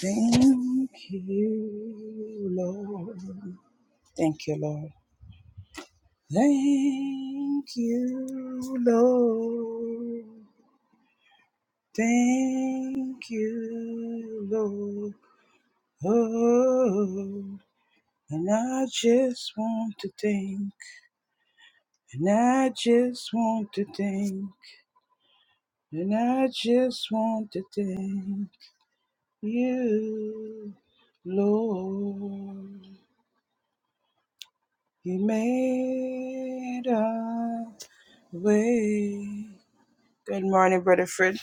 Thank you, Lord. Thank you, Lord. Thank you, Lord. Thank you, Lord. Oh, and I just want to thank, and I just want to thank, and I just want to thank you, Lord. You made us. way. Good morning, Brother Fred.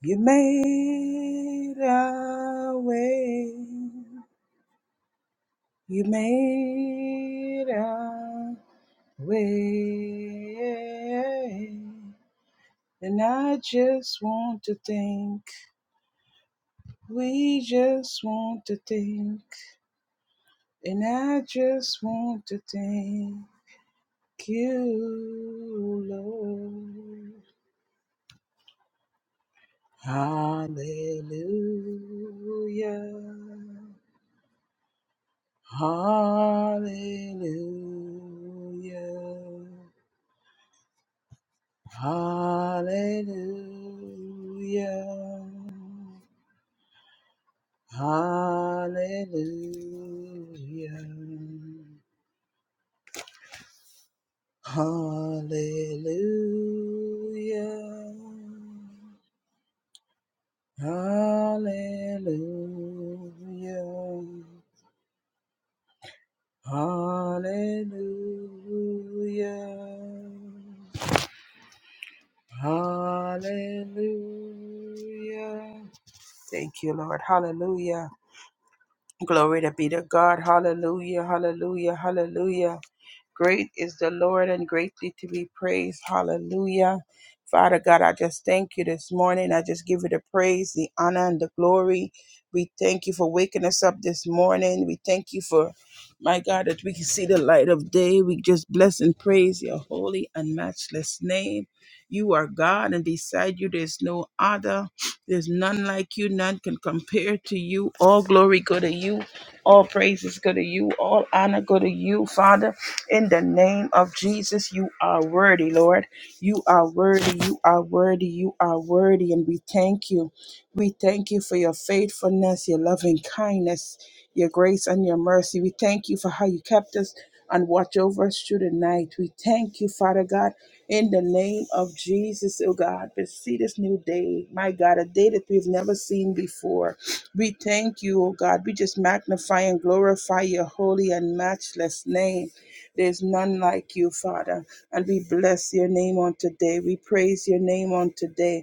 You made a way. You made a way. And I just want to thank. We just want to thank. And I just want to thank you, Lord. Hallelujah. Hallelujah. Hallelujah. Hallelujah. Hallelujah. Hallelujah. Hallelujah. Hallelujah. Thank you, Lord. Hallelujah. Glory to be to God. Hallelujah. Hallelujah. Hallelujah. Great is the Lord and greatly to be praised. Hallelujah. Father God, I just thank you this morning. I just give you the praise, the honor, and the glory. We thank you for waking us up this morning. We thank you for, my God, that we can see the light of day. We just bless and praise your holy and matchless name. You are God, and beside you there's no other. There's none like you. None can compare to you. All glory go to you. All praises go to you. All honor go to you, Father. In the name of Jesus, you are worthy, Lord. You are worthy, you are worthy, you are worthy. And we thank you. We thank you for your faithfulness, your loving kindness, your grace, and your mercy. We thank you for how you kept us and watch over us through the night. We thank you, Father God, in the name of Jesus, oh God. we see this new day, my God, a day that we've never seen before. We thank you, oh God. We just magnify and glorify your holy and matchless name. There's none like you, Father. And we bless your name on today. We praise your name on today.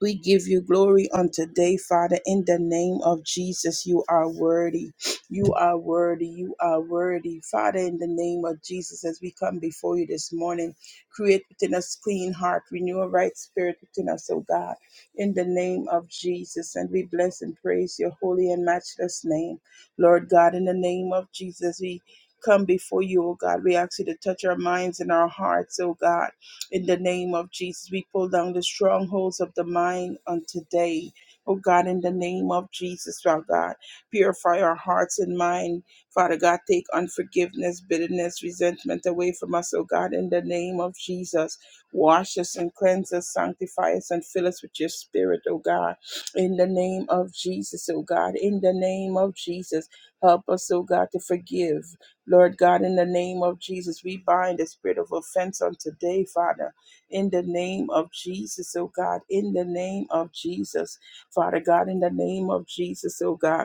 We give you glory on today, Father, in the name of Jesus. You are worthy. You are worthy. You are worthy. Father, in the name of Jesus, as we come before you this morning, create within us clean heart, renew a right spirit within us, O God, in the name of Jesus. And we bless and praise your holy and matchless name. Lord God, in the name of Jesus, we come before you, O God. We ask you to touch our minds and our hearts, O God in the name of Jesus, we pull down the strongholds of the mind on today. Oh God, in the name of Jesus, our God, purify our hearts and mind. Father God, take unforgiveness, bitterness, resentment away from us, oh God, in the name of Jesus. Wash us and cleanse us, sanctify us, and fill us with your spirit, oh God, in the name of Jesus, oh God, in the name of Jesus. Help us, oh God, to forgive. Lord God, in the name of Jesus, we bind the spirit of offense on today, Father. In the name of Jesus, oh God. In the name of Jesus, Father God. In the name of Jesus, oh God.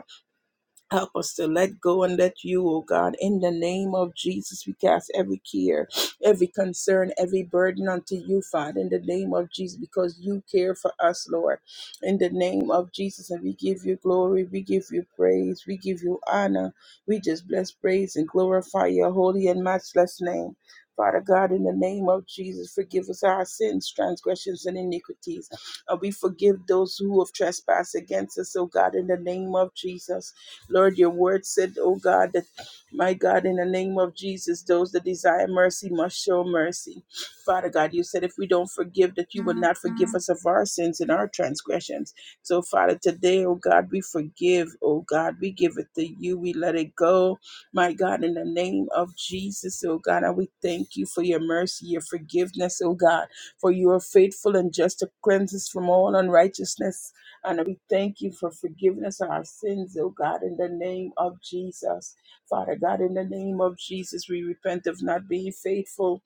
Help us to let go and let you, oh God, in the name of Jesus, we cast every care, every concern, every burden unto you, Father, in the name of Jesus, because you care for us, Lord, in the name of Jesus. And we give you glory, we give you praise, we give you honor. We just bless, praise, and glorify your holy and matchless name. Father God, in the name of Jesus, forgive us our sins, transgressions, and iniquities. And we forgive those who have trespassed against us, oh God, in the name of Jesus. Lord, your word said, oh God, that my God, in the name of Jesus, those that desire mercy must show mercy. Father God, you said if we don't forgive, that you will not forgive us of our sins and our transgressions. So, Father, today, oh God, we forgive, oh God, we give it to you, we let it go. My God, in the name of Jesus, oh God, and we thank you for your mercy, your forgiveness, oh God, for you are faithful and just to cleanse us from all unrighteousness. And we thank you for forgiveness of our sins, oh God, in the name of Jesus. Father God, in the name of Jesus, we repent of not being faithful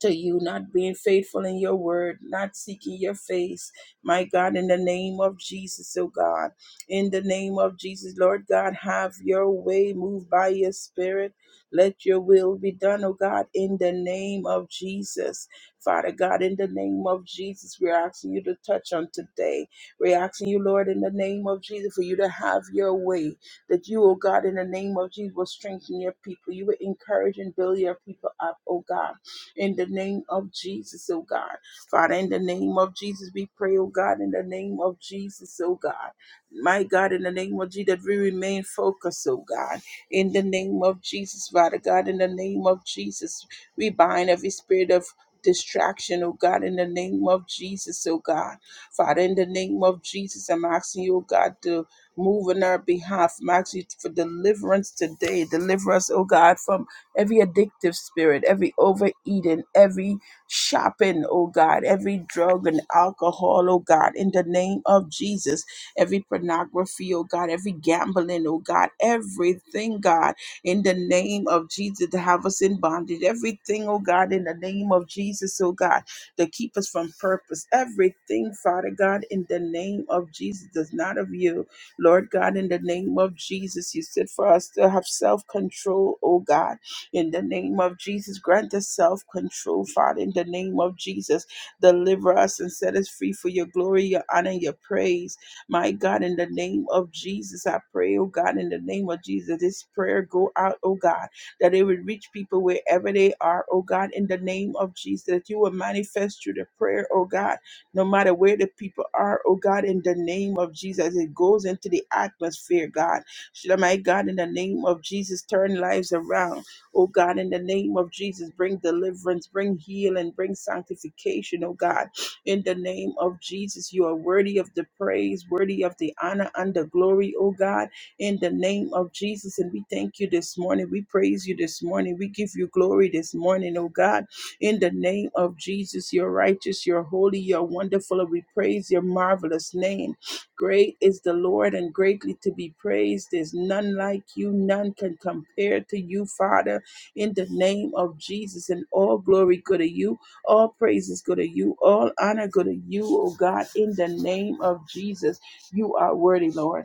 to you, not being faithful in your word, not seeking your face. My God, in the name of Jesus, oh God, in the name of Jesus, Lord God, have your way, move by your spirit. Let your will be done, oh God, in the name of Jesus. Father God, in the name of Jesus, we're asking you to touch on today. We're asking you, Lord, in the name of Jesus, for you to have your way. That you, oh God, in the name of Jesus, will strengthen your people. You will encourage and build your people up, oh God in the name of Jesus, oh God. Father, in the name of Jesus, we pray, oh God, in the name of Jesus, oh God. My God, in the name of Jesus, that we remain focused, oh God. In the name of Jesus, Father God, in the name of Jesus, we bind every spirit of distraction, oh God, in the name of Jesus, oh God. Father, in the name of Jesus, I'm asking you, oh God, to move on our behalf. I'm asking you for deliverance today. Deliver us, oh God, from every addictive spirit, every overeating, every shopping, oh God, every drug and alcohol, oh God, in the name of Jesus, every pornography, oh God, every gambling, oh God, everything, God, in the name of Jesus to have us in bondage, everything, oh God, in the name of Jesus, oh God, to keep us from purpose, everything, Father God, in the name of Jesus, is not of you. Lord God, in the name of Jesus, you said for us to have self control, oh God in the name of Jesus, grant us self control, Father. In the name of Jesus, deliver us and set us free for your glory, your honor, your praise. My God, in the name of Jesus, I pray, oh God, in the name of Jesus, this prayer go out, oh God, that it would reach people wherever they are, oh God, in the name of Jesus, that you will manifest through the prayer, oh God, no matter where the people are, oh God, in the name of Jesus, it goes into the atmosphere, God. Should my God, in the name of Jesus, turn lives around Oh God, in the name of Jesus, bring deliverance, bring healing, bring sanctification, oh God. In the name of Jesus, you are worthy of the praise, worthy of the honor and the glory, oh God. In the name of Jesus, and we thank you this morning. We praise you this morning. We give you glory this morning, oh God. In the name of Jesus, you're righteous, you're holy, you're wonderful, and we praise your marvelous name. Great is the Lord and greatly to be praised. There's none like you, none can compare to you, Father in the name of Jesus. And all glory go to you. All praises go to you. All honor go to you, oh God, in the name of Jesus. You are worthy, Lord.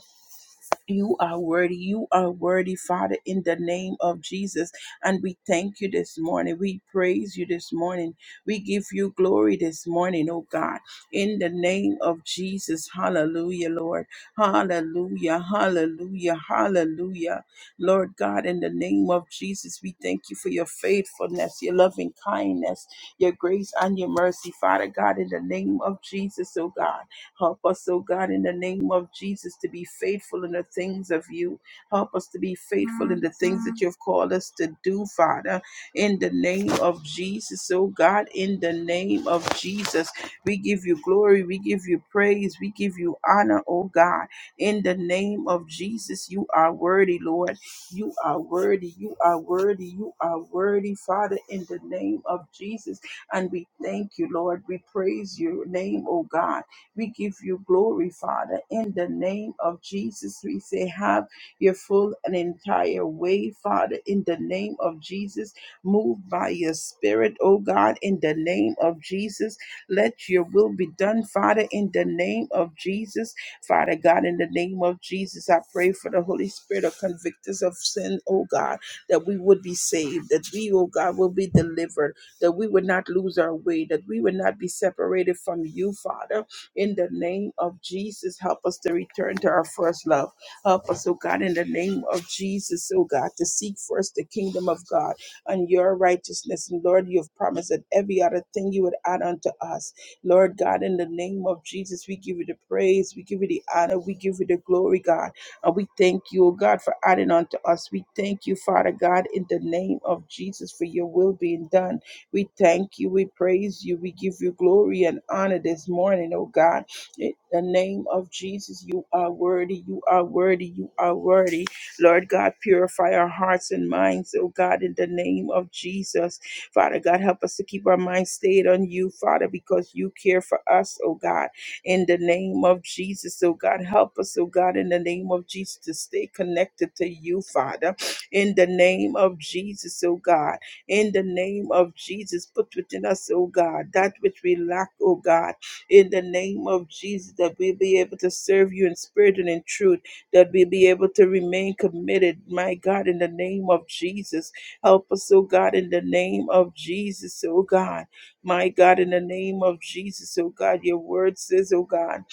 You are worthy. You are worthy, Father, in the name of Jesus. And we thank you this morning. We praise you this morning. We give you glory this morning, oh God, in the name of Jesus. Hallelujah, Lord. Hallelujah, hallelujah, hallelujah. Lord God, in the name of Jesus, we thank you for your faithfulness, your loving kindness, your grace, and your mercy, Father God, in the name of Jesus, oh God. Help us, oh God, in the name of Jesus, to be faithful in the things of you. Help us to be faithful in the things that you have called us to do, Father, in the name of Jesus, oh God, in the name of Jesus. We give you glory, we give you praise, we give you honor, oh God, in the name of Jesus. You are worthy, Lord. You are worthy, you are worthy, you are worthy, Father, in the name of Jesus. And we thank you, Lord. We praise your name, oh God. We give you glory, Father. In the name of Jesus, we say, have your full and entire way, Father. In the name of Jesus, move by your spirit, oh God. In the name of Jesus, let your will be done, Father. In the name of Jesus, Father God, in the name of Jesus, I pray for the Holy Spirit to convict us of sin, oh God, that we would be saved, that we, oh God, will be delivered, that we would not lose our way, that we would not be separated from you, Father in the name of Jesus, help us to return to our first love. Help us, oh God, in the name of Jesus, oh God, to seek first the kingdom of God and your righteousness. And Lord, you have promised that every other thing you would add unto us. Lord God, in the name of Jesus, we give you the praise, we give you the honor, we give you the glory, God. And we thank you, oh God, for adding unto us. We thank you, Father God, in the name of Jesus, for your will being done. We thank you, we praise you, we give you glory and honor this morning, oh God. In the name of Jesus, you are worthy, you are worthy, you are worthy. Lord God, purify our hearts and minds, oh God, in the name of Jesus. Father God, help us to keep our minds stayed on you, Father, because you care for us, oh God, in the name of Jesus, oh God. Help us, oh God, in the name of Jesus, to stay connected to you, Father, in the name of Jesus, oh God in the name of Jesus. Put within us, oh God, that which we lack, oh God, in the name of Jesus, that we be able to serve you in spirit and in truth, that we be able to remain committed, my God, in the name of Jesus. Help us, oh God, in the name of Jesus, oh God. My God, in the name of Jesus, oh God, your word says, oh God,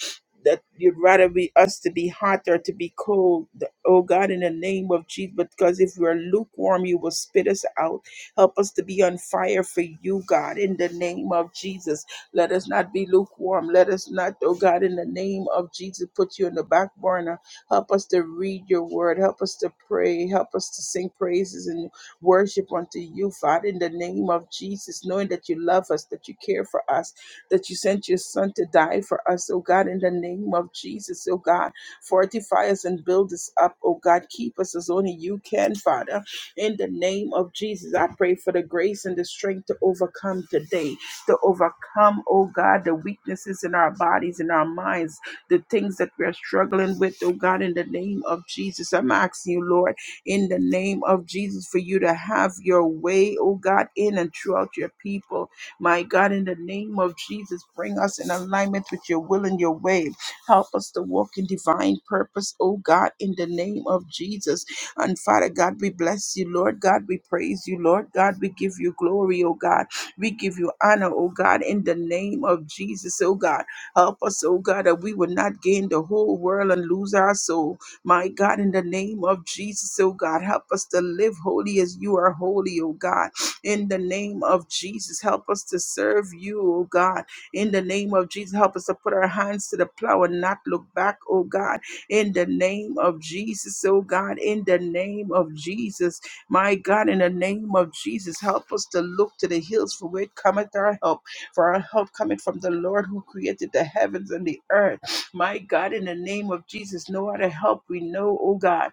that you'd rather be us to be hot or to be cold, oh God, in the name of Jesus, because if we're lukewarm, you will spit us out. Help us to be on fire for you, God, in the name of Jesus. Let us not be lukewarm. Let us not, oh God, in the name of Jesus, put you in the back burner. Help us to read your word. Help us to pray. Help us to sing praises and worship unto you, Father, in the name of Jesus, knowing that you love us, that you care for us, that you sent your son to die for us, oh God, in the name of Jesus, oh God. Fortify us and build us up, oh God. Keep us as only you can, Father in the name of Jesus, I pray for the grace and the strength to overcome today, to overcome, oh God, the weaknesses in our bodies, in our minds, the things that we're struggling with, oh God, in the name of Jesus. I'm asking you, Lord, in the name of Jesus, for you to have your way, oh God, in and throughout your people. My God, in the name of Jesus, bring us in alignment with your will and your way. Help us to walk in divine purpose, oh God, in the name of Jesus. And Father God, we bless you, Lord God. We praise you, Lord God. We give you glory, oh God. We give you honor, oh God, in the name of Jesus, oh God. Help us, oh God, that we would not gain the whole world and lose our soul. My God, in the name of Jesus, oh God, help us to live holy as you are holy, oh God. In the name of Jesus, help us to serve you, oh God. In the name of Jesus, help us to put our hands to the plow and not look back, oh God in the name of Jesus, oh God, in the name of Jesus. My God, in the name of Jesus, help us to look to the hills from where cometh our help. For our help cometh from the Lord who created the heavens and the earth. My God, in the name of Jesus, no other help we know, oh God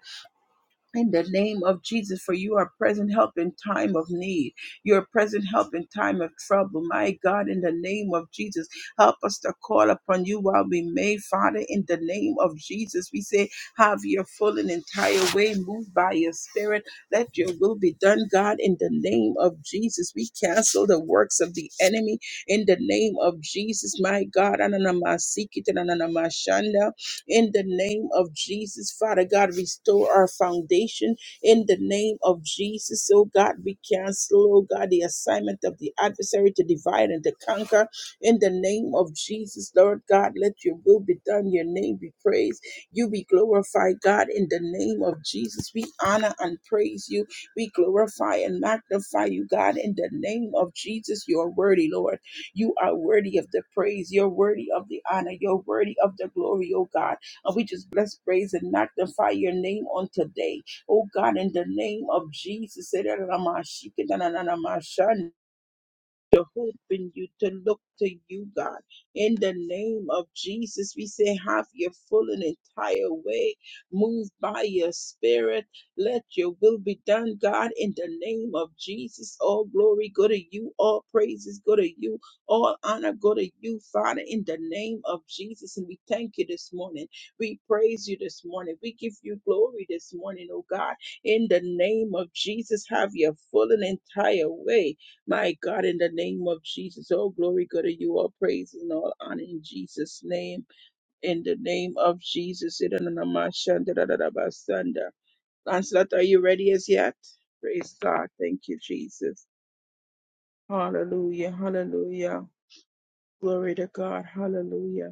in the name of Jesus, for you are present help in time of need. You are present help in time of trouble. My God, in the name of Jesus, help us to call upon you while we may, Father, in the name of Jesus. We say, have your full and entire way, moved by your spirit. Let your will be done, God, in the name of Jesus. We cancel the works of the enemy in the name of Jesus, my God. Ananamasiki, tananamashanda in the name of Jesus. Father God, restore our foundation in the name of Jesus. Oh God, we cancel, oh God, the assignment of the adversary to divide and to conquer in the name of Jesus. Lord God, let your will be done, your name be praised, you be glorified, God, in the name of Jesus. We honor and praise you. We glorify and magnify you, God, in the name of Jesus. You are worthy, Lord. You are worthy of the praise. You're worthy of the honor. You're worthy of the glory, oh God. And we just bless, praise, and magnify your name on today. Oh God, in the name of Jesus to hope in you, to look to you, God. In the name of Jesus, we say, have your full and entire way. Move by your spirit. Let your will be done, God. In the name of Jesus, all glory go to you. All praises go to you. All honor go to you, Father, in the name of Jesus. And we thank you this morning. We praise you this morning. We give you glory this morning, oh God. In the name of Jesus, have your full and entire way my God, in the name of Jesus, all glory go to you, all praise and all honor in Jesus' name. In the name of Jesus. Lancelot, are you ready as yet? Praise God. Thank you, Jesus. Hallelujah. Hallelujah. Glory to God. Hallelujah.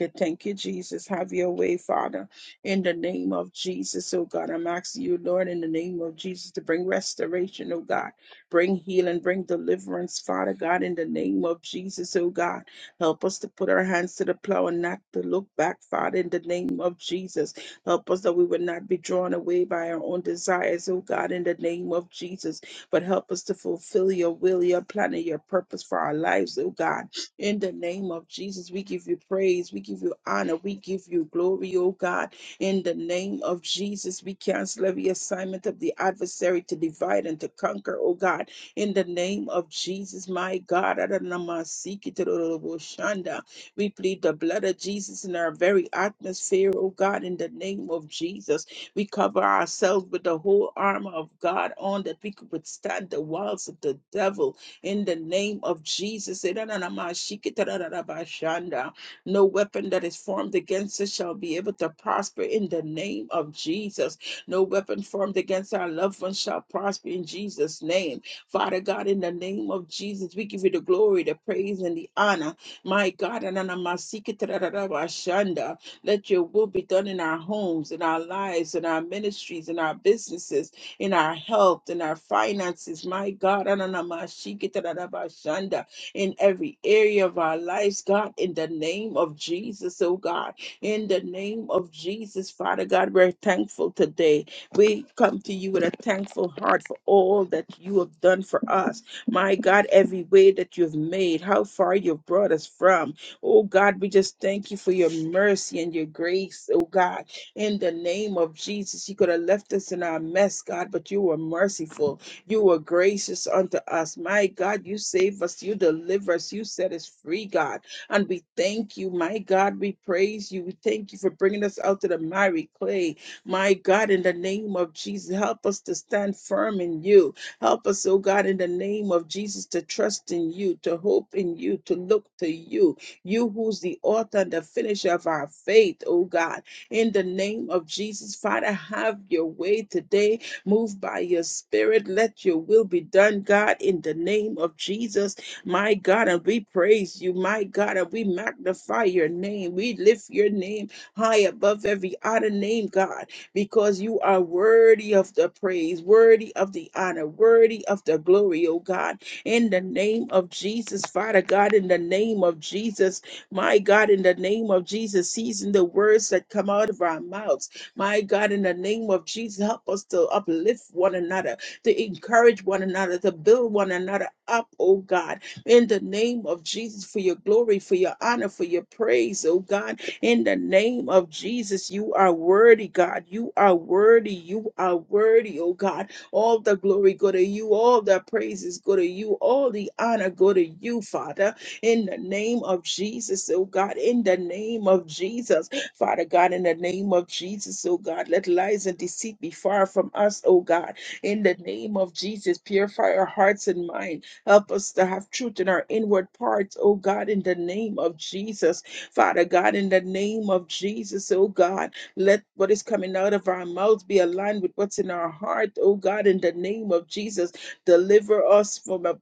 Good. Thank you, Jesus. Have your way, Father, in the name of Jesus, oh God. I'm asking you, Lord, in the name of Jesus, to bring restoration, oh God. Bring healing, bring deliverance, Father God, in the name of Jesus, oh God. Help us to put our hands to the plow and not to look back, Father, in the name of Jesus. Help us that we would not be drawn away by our own desires, oh God, in the name of Jesus. But help us to fulfill your will, your plan, and your purpose for our lives, oh God in the name of Jesus, we give you praise, we give you honor, we give you glory, oh God. In the name of Jesus, we cancel every assignment of the adversary to divide and to conquer, oh God. In the name of Jesus, my God, Adonamasikitoroboshanda. we plead the blood of Jesus in our very atmosphere, oh God. In the name of Jesus, we cover ourselves with the whole armor of God on that we could withstand the wiles of the devil in the name of Jesus. No weapon that is formed against us shall be able to prosper in the name of Jesus. No weapon formed against our loved ones shall prosper in Jesus' name. Father God, in the name of Jesus, we give you the glory, the praise, and the honor. My God, let your will be done in our homes, in our lives, in our ministries, in our businesses in our health, in our finances, my God, ananamashikitadadabashanda, in every area of our lives, God, in the name of Jesus, oh God, in the name of Jesus, Father God, we're thankful today. We come to you with a thankful heart for all that you have done for us. My God, every way that you've made, how far you've brought us from. Oh God, we just thank you for your mercy and your grace, oh God in the name of Jesus. You could have left us in our mess, God, but you were merciful. You were gracious unto us. My God, you save us. You deliver us. You set us free, God. And we thank you, my God. We praise you. We thank you for bringing us out to the miry clay. My God, in the name of Jesus, help us to stand firm in you. Help us, oh God, in the name of Jesus, to trust in you, to hope in you, to look to you, you who's the author and the finisher of our faith, oh God in the name of Jesus. Father, have your way today. Move by your spirit. Let your will be done, God, in the name of Jesus. My God, and we praise you, my God, and we magnify your name. We lift your name high above every other name, God, because you are worthy of the praise, worthy of the honor, worthy of the glory, oh God. In the name of Jesus, Father God, in the name of Jesus, my God, in the name of Jesus, season the words that come out of our mouths. My God, in the name of Jesus, help us to uplift one another, to encourage one another, to build one another up, oh God, in the name of Jesus, for your glory, for your honor, for your praise, oh God, in the name of Jesus, you are worthy, God. You are worthy. You are worthy, oh God. All the glory go to you, all the praises go to you, all the honor go to you, Father in the name of Jesus, oh God, in the name of Jesus. Father God, in the name of Jesus, oh God, let lies and deceit be far from us, oh God. In the name of Jesus, purify our hearts and mind. Help us to have truth in our inward parts, oh God, in the name of Jesus. Father God, in the name of Jesus, oh God, let what is coming out of our mouths be aligned with what's in our heart, oh God, in the name of Jesus. Deliver us from a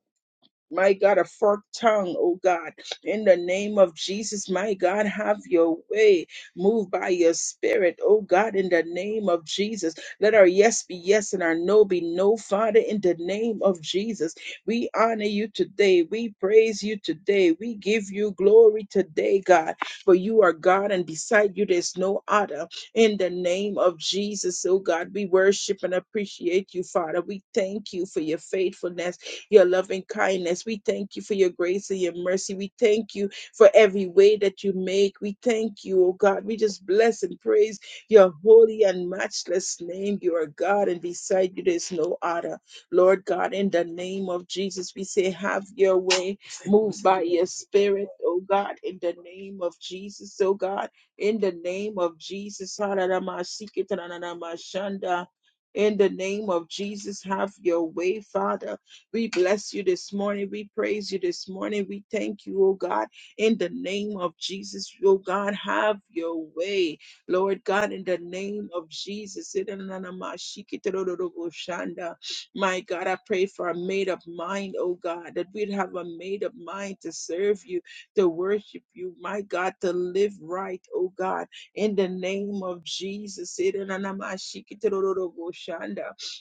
my God, a forked tongue, oh God. In the name of Jesus, my God, have your way. Move by your spirit, oh God, in the name of Jesus. Let our yes be yes and our no be no, Father, in the name of Jesus. We honor you today. We praise you today. We give you glory today, God, for you are God and beside you there's no other. In the name of Jesus, oh God, we worship and appreciate you, Father. We thank you for your faithfulness your loving kindness. We thank you for your grace and your mercy. We thank you for every way that you make. We thank you, oh God. We just bless and praise your holy and matchless name. You are God, and beside you there is no other. Lord God, in the name of Jesus, we say, have your way. Move by your spirit, oh God, in the name of Jesus, oh God, in the name of Jesus. In the name of Jesus, have your way, Father. We bless you this morning. We praise you this morning. We thank you, oh God, in the name of Jesus, oh God, have your way. Lord God, in the name of Jesus. My God, I pray for a made up mind, oh God, that we'd have a made up mind to serve you, to worship you, my God, to live right, oh God, in the name of Jesus.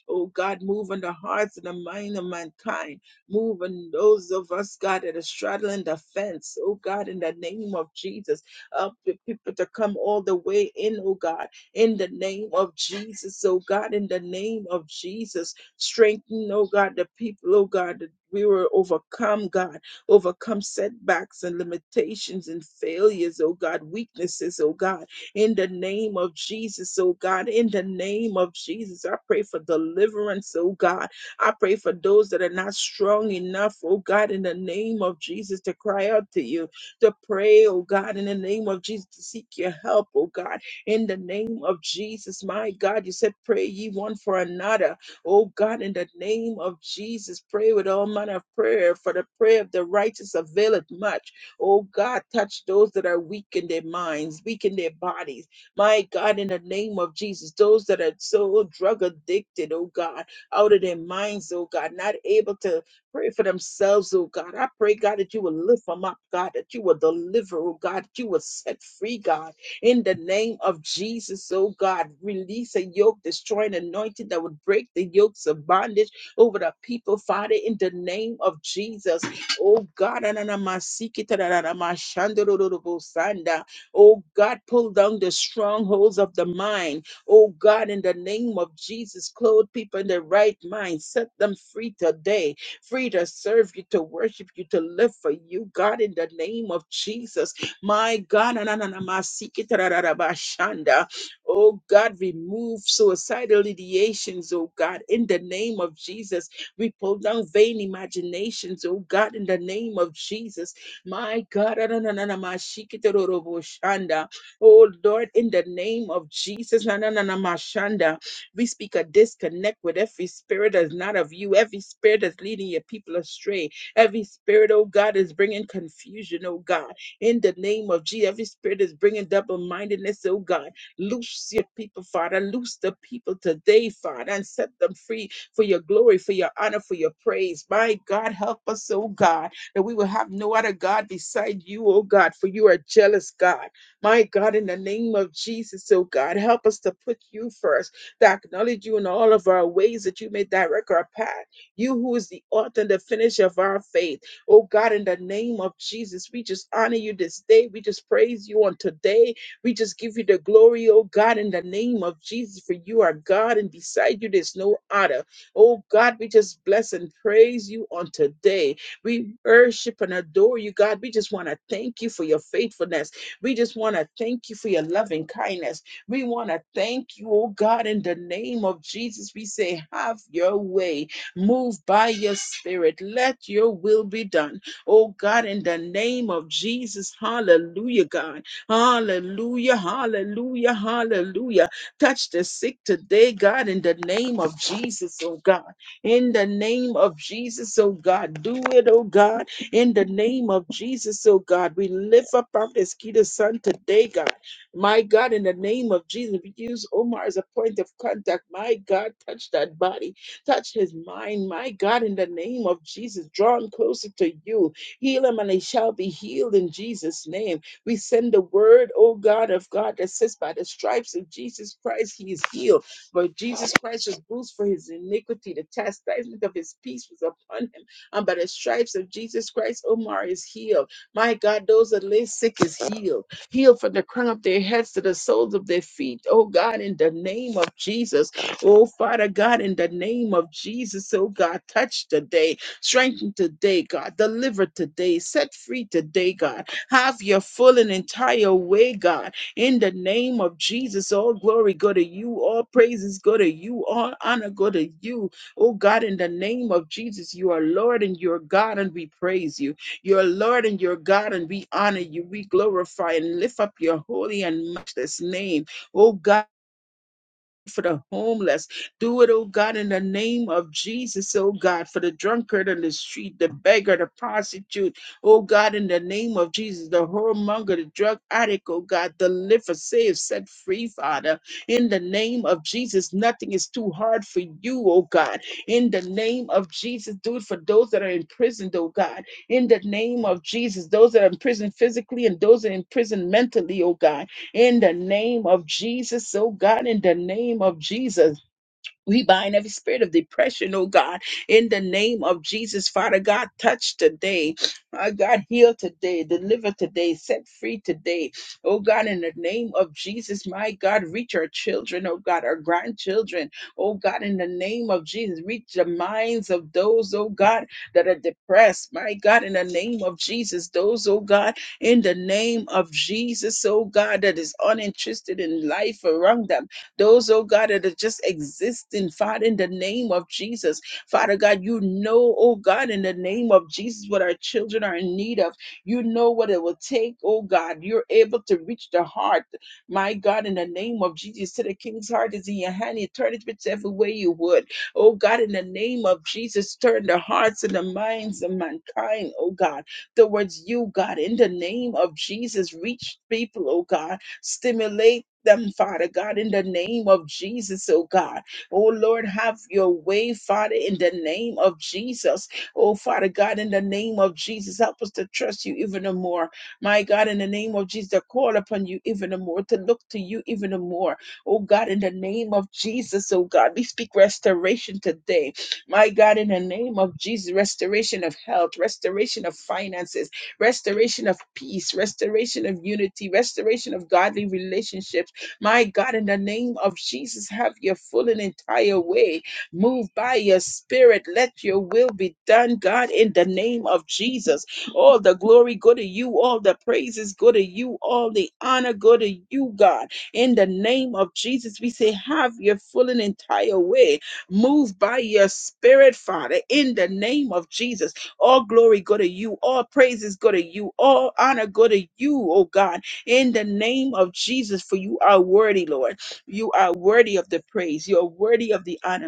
Oh God, move on the hearts and the mind of mankind. Move on those of us, God, that are straddling the fence. Oh God, in the name of Jesus, help the people to come all the way in, oh God, in the name of Jesus. Oh God, in the name of Jesus, strengthen, oh God, the people, oh God, that we were overcome, God, overcome setbacks and limitations and failures, oh God, weaknesses, oh God in the name of Jesus, oh God. In the name of Jesus, I pray for deliverance, oh God. I pray for those that are not strong enough, oh God, in the name of Jesus to cry out to you, to pray, oh God, in the name of Jesus, to seek your help, oh God, in the name of Jesus, my God. You said, Pray ye one for another, oh God, in the name of Jesus. Pray with all manner of prayer, for the prayer of the righteous availeth much. Oh God, touch those that are weak in their minds, weak in their bodies. My God, in the name of Jesus, those that are so drug addicted, oh God, out of their minds, oh God, not able to pray for themselves, oh God. I pray, God, that you will lift them up, God, that you will deliver, oh God, that you will set free, God, in the name of Jesus, oh God. Release a yoke, destroying anointing that would break the yokes of bondage over the people, Father, in the name of Jesus. Oh God, ananamasiketararamashandororobosanda. oh God, pull down the strongholds of the mind. Oh God, in the name of Jesus, clothe people in their right mind. Set them free today, free to serve you, to worship you, to live for you, God, in the name of Jesus. My God, anananamasiketararabashanda. Oh God, remove suicidal ideations, oh God, in the name of Jesus. We pull down vain imaginations, oh God, in the name of Jesus. My God, Adonanana, Mashikitorobo Shanda. oh Lord, in the name of Jesus, Nananana, Mashanda. we speak a disconnect with every spirit that's not of you, every spirit that's leading your people astray, every spirit, oh God, is bringing confusion, oh God, in the name of Jesus, every spirit is bringing double mindedness, oh God. Loose your people, Father, loose the people today, Father, and set them free for your glory, for your honor, for your praise. My God, help us, oh God, that we will have no other God beside you, oh God, for you are a jealous God. My God, in the name of Jesus, oh God, help us to put you first, to acknowledge you in all of our ways that you may direct our path. You who is the author and the finisher of our faith. Oh God, in the name of Jesus, we just honor you this day. We just praise you on today. We just give you the glory, oh God, in the name of Jesus, for you are God, and beside you there's no other. Oh God, we just bless and praise you on today. We worship and adore you, God. We just want to thank you for your faithfulness. We just want to thank you for your loving kindness. We want to thank you, oh God, in the name of Jesus. We say, have your way. Move by your spirit. Let your will be done. Oh God, in the name of Jesus. Hallelujah, God. Hallelujah, hallelujah, hallelujah. Touch the sick today, God, in the name of Jesus, oh God. In the name of Jesus, oh God. Do it, oh God. In the name of Jesus, oh God. We lift up our mosquito son today, God. My God, in the name of Jesus, we use Omar as a point of contact. My God, touch that body, touch his mind. My God, in the name of Jesus, draw him closer to you. Heal him and he shall be healed in Jesus' name. We send the word, oh God of God, that says by the stripes of Jesus Christ, he is healed. But Jesus Christ was bruised for his iniquity. The chastisement of his peace was upon him. And by the stripes of Jesus Christ, Omar is healed. My God, those that lay sick is healed. Healed from the crown of their heads to the soles of their feet. Oh God, in the name of Jesus. Oh Father God, in the name of Jesus, oh God, touch today, strengthen today, God, deliver today, set free today, God. Have your full and entire way, God. In the name of Jesus, all glory go to you. All praises go to you. All honor go to you. Oh God, in the name of Jesus, you are Lord and you are God, and we praise you. You're Lord and you're God, and we honor you. We glorify and lift up your holy and matchless name. Oh God for the homeless. Do it, oh God, in the name of Jesus, oh God, for the drunkard on the street, the beggar, the prostitute, oh God, in the name of Jesus, the whoremonger, the drug addict, oh God, deliver, save, set free, Father, in the name of Jesus. Nothing is too hard for you, oh God, in the name of Jesus. Do it for those that are imprisoned, oh God, in the name of Jesus, those that are imprisoned physically and those that are imprisoned mentally, oh God in the name of Jesus, oh God, in the name of Jesus. We bind every spirit of depression, oh God, in the name of Jesus, Father God. Touch today, my God, heal today, deliver today, set free today, oh God, in the name of Jesus, my God. Reach our children, oh God, our grandchildren, oh God, in the name of Jesus. Reach the minds of those, oh God, that are depressed, my God, in the name of Jesus. Those, oh God, in the name of Jesus, oh God, that is uninterested in life around them. Those, oh God, that are just existing, Father, in the name of Jesus. Father God, you know, oh God, in the name of Jesus, what our children are in need of. You know what it will take, oh God. You're able to reach the heart. My God, in the name of Jesus, to the king's heart is in your hand. You turn it whichever way you would. Oh God, in the name of Jesus, turn the hearts and the minds of mankind, oh God, towards you, God. In the name of Jesus, reach people, oh God. Stimulate them, Father God, in the name of Jesus, oh God. Oh Lord, have your way, Father, in the name of Jesus. Oh Father God, in the name of Jesus, help us to trust you even the more. My God, in the name of Jesus, to call upon you even the more, to look to you even the more. Oh God, in the name of Jesus, oh God, we speak restoration today. My God, in the name of Jesus, restoration of health, restoration of finances restoration of peace, restoration of unity, restoration of godly relationships. My God, in the name of Jesus, have your full and entire way. Move by your spirit. Let your will be done, God, in the name of Jesus. All the glory go to you. All the praises go to you. All the honor go to you, God. In the name of Jesus, we say, have your full and entire way. Move by your spirit, Father, in the name of Jesus. All glory go to you. All praises go to you. All honor go to you, oh God, in the name of Jesus, for you are worthy, Lord. You are worthy of the praise. You are worthy of the honor.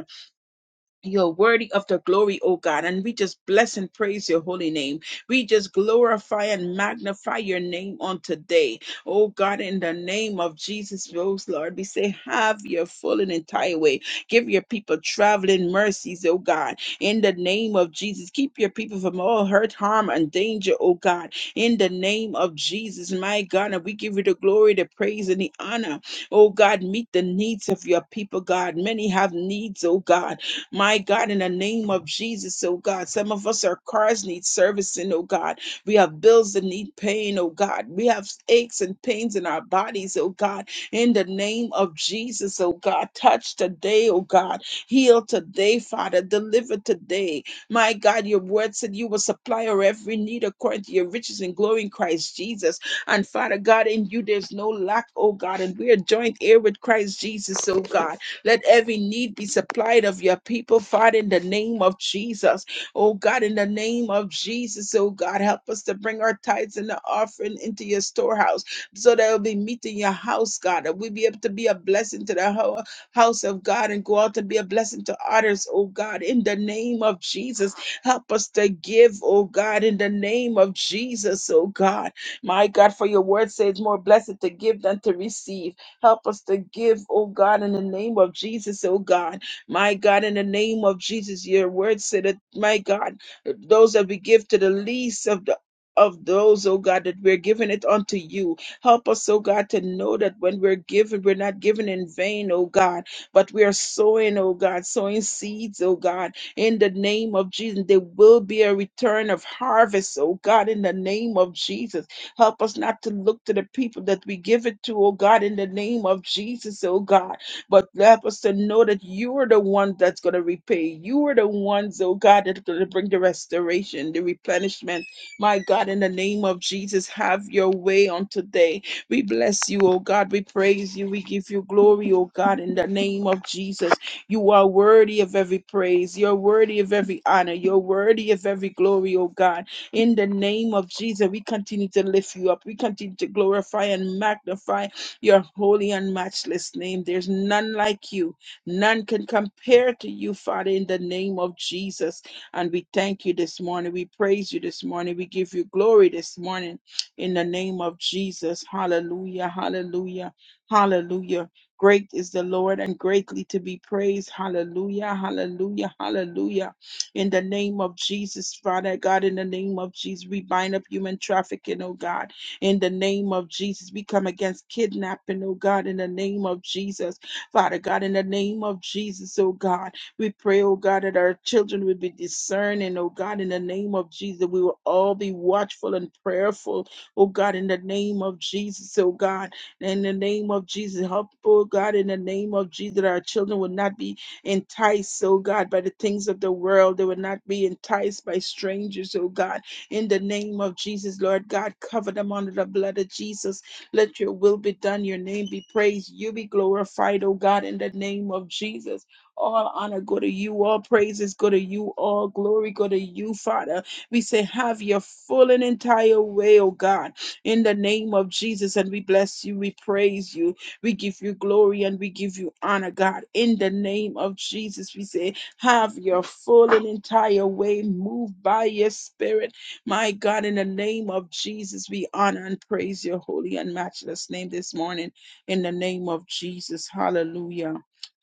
You're worthy of the glory, O God, and we just bless and praise your holy name. We just glorify and magnify your name on today. O God, in the name of Jesus, Rose, Lord, we say, have your full and entire way. Give your people traveling mercies, O God, in the name of Jesus. Keep your people from all hurt, harm, and danger, O God, in the name of Jesus, my God. And we give you the glory, the praise, and the honor. O God, meet the needs of your people, God. Many have needs, O God my God, in the name of Jesus, oh God, some of us, our cars need servicing, oh God. We have bills that need paying, oh God. We have aches and pains in our bodies, oh God. In the name of Jesus, oh God, touch today, oh God. Heal today, Father. Deliver today. My God, your word said you will supply our every need according to your riches and glory in Christ Jesus. And Father God, in you there's no lack, oh God. And we are joint heir with Christ Jesus, oh God. Let every need be supplied of your people, Father, in the name of Jesus. Oh God, in the name of Jesus, oh God, help us to bring our tithes and the offering into your storehouse so that it'll be meat in your house, God, that we'll be able to be a blessing to the whole house of God and go out to be a blessing to others, oh God, in the name of Jesus. Help us to give, oh God, in the name of Jesus, oh God. My God, for your word says more blessed to give than to receive. Help us to give, oh God, in the name of Jesus, oh God. My God, in the name of Jesus, your word said that, my God, those that we give to the least of the of those, oh God, that we're giving it unto you. Help us, oh God, to know that when we're given, we're not given in vain, oh God, but we are sowing, oh God, sowing seeds, oh God, in the name of Jesus. There will be a return of harvest, oh God, in the name of Jesus. Help us not to look to the people that we give it to, oh God, in the name of Jesus, oh God. But help us to know that you are the one that's going to repay. You are the ones, oh God, that's going to bring the restoration, the replenishment. My God, in the name of Jesus, have your way on today. We bless you, oh God. We praise you. We give you glory, oh God, in the name of Jesus. You are worthy of every praise. You're worthy of every honor. You're worthy of every glory, oh God. In the name of Jesus, we continue to lift you up. We continue to glorify and magnify your holy and matchless name. There's none like you. None can compare to you, Father, in the name of Jesus. And we thank you this morning. We praise you this morning. We give you glory this morning in the name of Jesus. Hallelujah. Hallelujah. Hallelujah. Great is the Lord and greatly to be praised. Hallelujah. Hallelujah. Hallelujah in the name of Jesus, Father God, in the name of Jesus, we bind up human trafficking, oh God, in the name of Jesus, we come against kidnapping, oh God, in the name of Jesus, Father God, in the name of Jesus, oh God, we pray, oh God, that our children would be discerning, oh God, in the name of Jesus, we will all be watchful and prayerful, oh God, in the name of Jesus, oh God, in the name of Jesus, help, oh God, in the name of Jesus, that our children will not be enticed, oh God, by the things of the world. They will not be enticed by strangers, oh God. In the name of Jesus, Lord God, cover them under the blood of Jesus. Let your will be done, your name be praised, you be glorified, oh God, in the name of Jesus. All honor go to you, all praises go to you, all glory go to you, Father. We say, have your full and entire way, oh God, in the name of Jesus. And we bless you, we praise you. We give you glory and we give you honor, God. In the name of Jesus, we say, have your full and entire way. Move by your spirit. My God, in the name of Jesus, we honor and praise your holy and matchless name this morning. In the name of Jesus, hallelujah.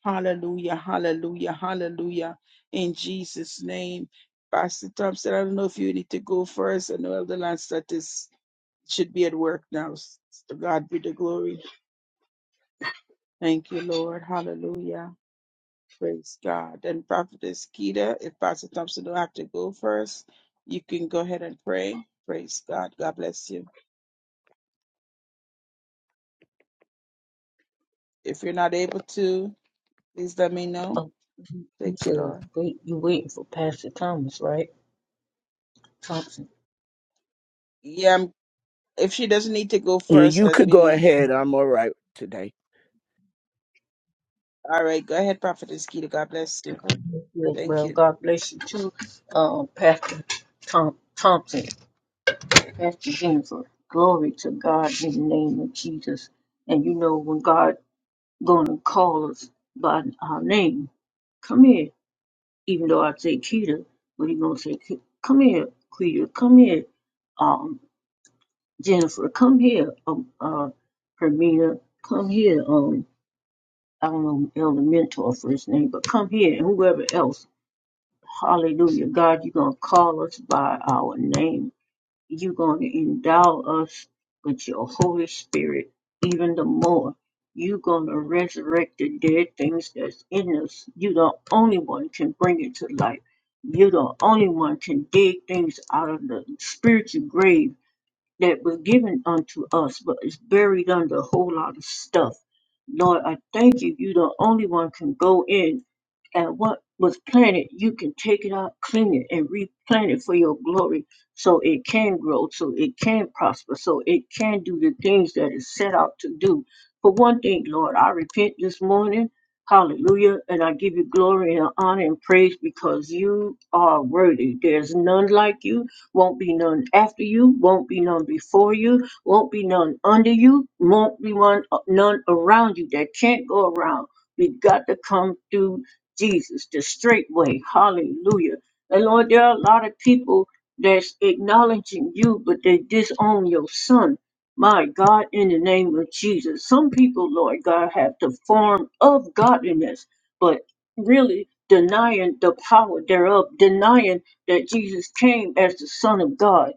Hallelujah, hallelujah, hallelujah. In Jesus' name. Pastor Thompson, I don't know if you need to go first. I know Elder Lance that is should be at work now. To God be the glory. Thank you, Lord. Hallelujah. Praise God. And Prophetess Keita, if Pastor Thompson don't have to go first, you can go ahead and pray. Praise God. God bless you. If you're not able to, please let me know. Oh, you you Thank you, said Lord. wait, you waiting for Pastor Thomas, right? Thompson. Yeah, I'm- if she doesn't need to go You first, you let could me go know. ahead. I'm all right today. All right, go ahead, Prophetess Keita. God bless you. God bless Thank well. you. God bless you too, um, Pastor Tom Thompson, Pastor Jennifer. Glory to God in the name of Jesus. And you know when God gonna call us by our name, come here. Even though I say Keita, but he gonna say, "Ke- come here, Keita, come here, um, Jennifer, come here, um, uh, Hermina, come here, um, I don't know Elder Mentor first name, but come here and whoever else. Hallelujah. God, you're going to call us by our name. You're going to endow us with your Holy Spirit even the more. You're going to resurrect the dead things that's in us. You're the only one can bring it to life. You're the only one can dig things out of the spiritual grave that was given unto us, but it's buried under a whole lot of stuff. Lord, I thank you. You're the only one can go in and what was planted, you can take it out, clean it, and replant it for your glory so it can grow, so it can prosper, so it can do the things that it's set out to do. For one thing, Lord, I repent this morning. Hallelujah. And I give you glory and honor and praise because you are worthy. There's none like you won't be none after you, won't be none before you, won't be none under you, won't be one, uh, none around you that can't go around. We got to come through Jesus, the straight way. Hallelujah. And Lord, there are a lot of people that's acknowledging you, but they disown your son. My God, in the name of Jesus. Some people, Lord God, have the form of godliness, but really denying the power thereof, denying that Jesus came as the Son of God,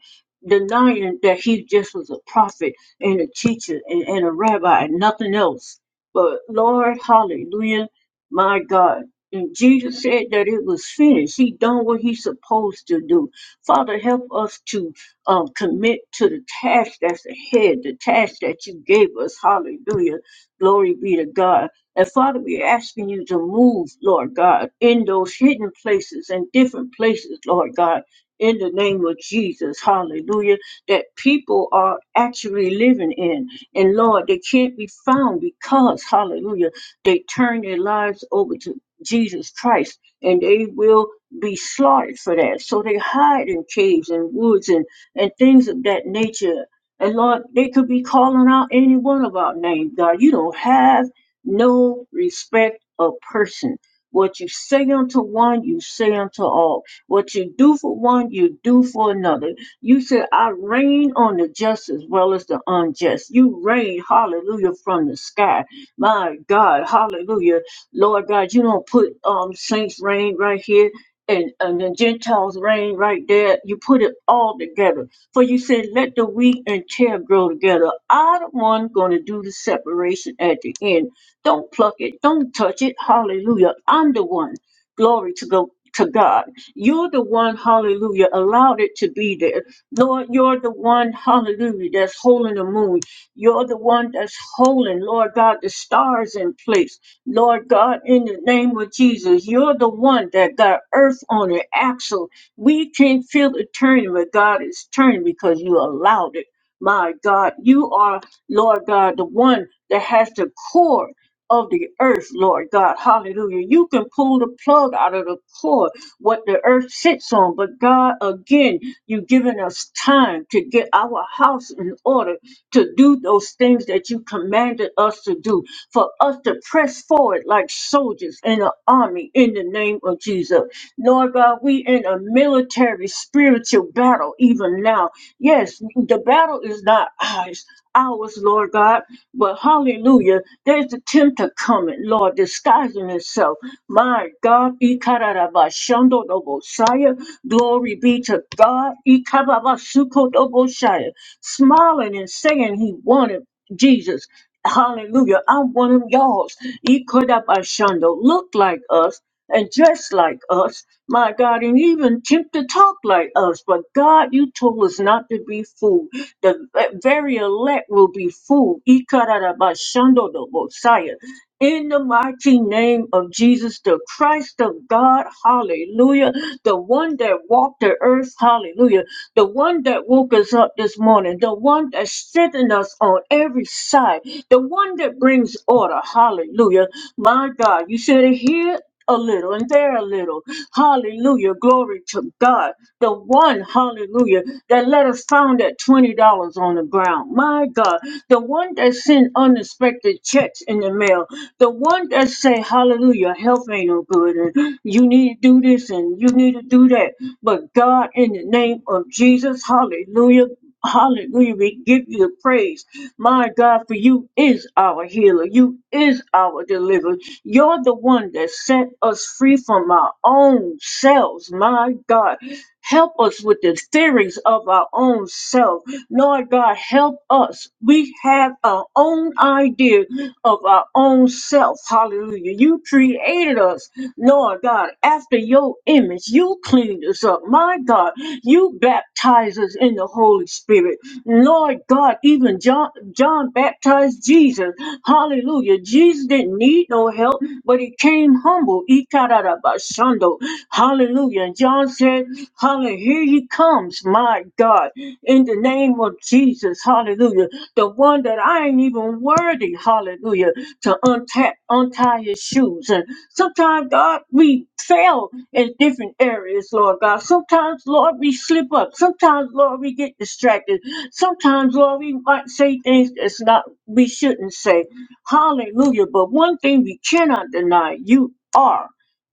denying that he just was a prophet and a teacher and, and a rabbi and nothing else. But Lord, hallelujah, my God. And Jesus said that it was finished. He done what he's supposed to do. Father, help us to um, commit to the task that's ahead, the task that you gave us. Hallelujah. Glory be to God. And Father, we're asking you to move, Lord God, in those hidden places and different places, Lord God, in the name of Jesus. Hallelujah. That people are actually living in. And Lord, they can't be found because, hallelujah, they turn their lives over to Jesus Christ and they will be slaughtered for that. So they hide in caves and woods and, and things of that nature. And Lord, they could be calling out any one of our names, God. You don't have no respect of person. What you say unto one, you say unto all. What you do for one, you do for another. You said, I reign on the just as well as the unjust. You reign, hallelujah, from the sky. My God, hallelujah. Lord God, you don't put um saints reign right here and, and the Gentiles reign right there. You put it all together. For you said, let the wheat and tear grow together. I the one gonna do the separation at the end. Don't pluck it. Don't touch it. Hallelujah. I'm the one. Glory to go to God. You're the one, hallelujah, allowed it to be there. Lord, you're the one, hallelujah, that's holding the moon. You're the one that's holding, Lord God, the stars in place. Lord God, in the name of Jesus, you're the one that got earth on the axle. We can't feel it turning, but God is turning because you allowed it. My God, you are, Lord God, the one that has the core of the earth, Lord God. Hallelujah. You can pull the plug out of the cord, what the earth sits on. But God, again, you've given us time to get our house in order to do those things that you commanded us to do, for us to press forward like soldiers in an army in the name of Jesus. Lord God, we in a military spiritual battle even now. Yes, the battle is not ours, ours, Lord God, but hallelujah. There's a tempter coming, Lord, disguising himself. My God, Ikarabashandodobosaya. glory be to God. Ikababasukodobosaya. Smiling and saying he wanted Jesus. Hallelujah. I'm one of y'all's. Ikarabashando. Look like us and dress like us. My God, and even tempt to talk like us. But God, you told us not to be fooled. The very elect will be fooled. Ikarabashando the Messiah. In the mighty name of Jesus, the Christ of God, hallelujah, the one that walked the earth, hallelujah, the one that woke us up this morning, the one that's sitting us on every side, the one that brings order, hallelujah. My God, you should hear a little and there a little. Hallelujah. Glory to God. The one, hallelujah, that let us found at $20 on the ground. My God. The one that sent unexpected checks in the mail. The one that say, hallelujah, health ain't no good and you need to do this and you need to do that. But God, in the name of Jesus, hallelujah. Hallelujah. We give you the praise. My God, for you is our healer. You is our deliverer. You're the one that set us free from our own selves. My God, help us with the theories of our own self. Lord God, help us. We have our own idea of our own self. Hallelujah. You created us, Lord God, after your image. You cleaned us up. My God, you baptize us in the Holy Spirit. Lord God, even John, John baptized Jesus. Hallelujah. Jesus didn't need no help, but he came humble. Ikarabashando. Hallelujah. And John said, Hallelujah, here he comes, my God, in the name of Jesus. Hallelujah. The one that I ain't even worthy, hallelujah, to untap, untie his shoes. And sometimes, God, we fail in different areas, Lord God. Sometimes, Lord, we slip up. Sometimes, Lord, we get distracted. Sometimes, Lord, we might say things that's not we shouldn't say. Hallelujah. But one thing we cannot deny, you are.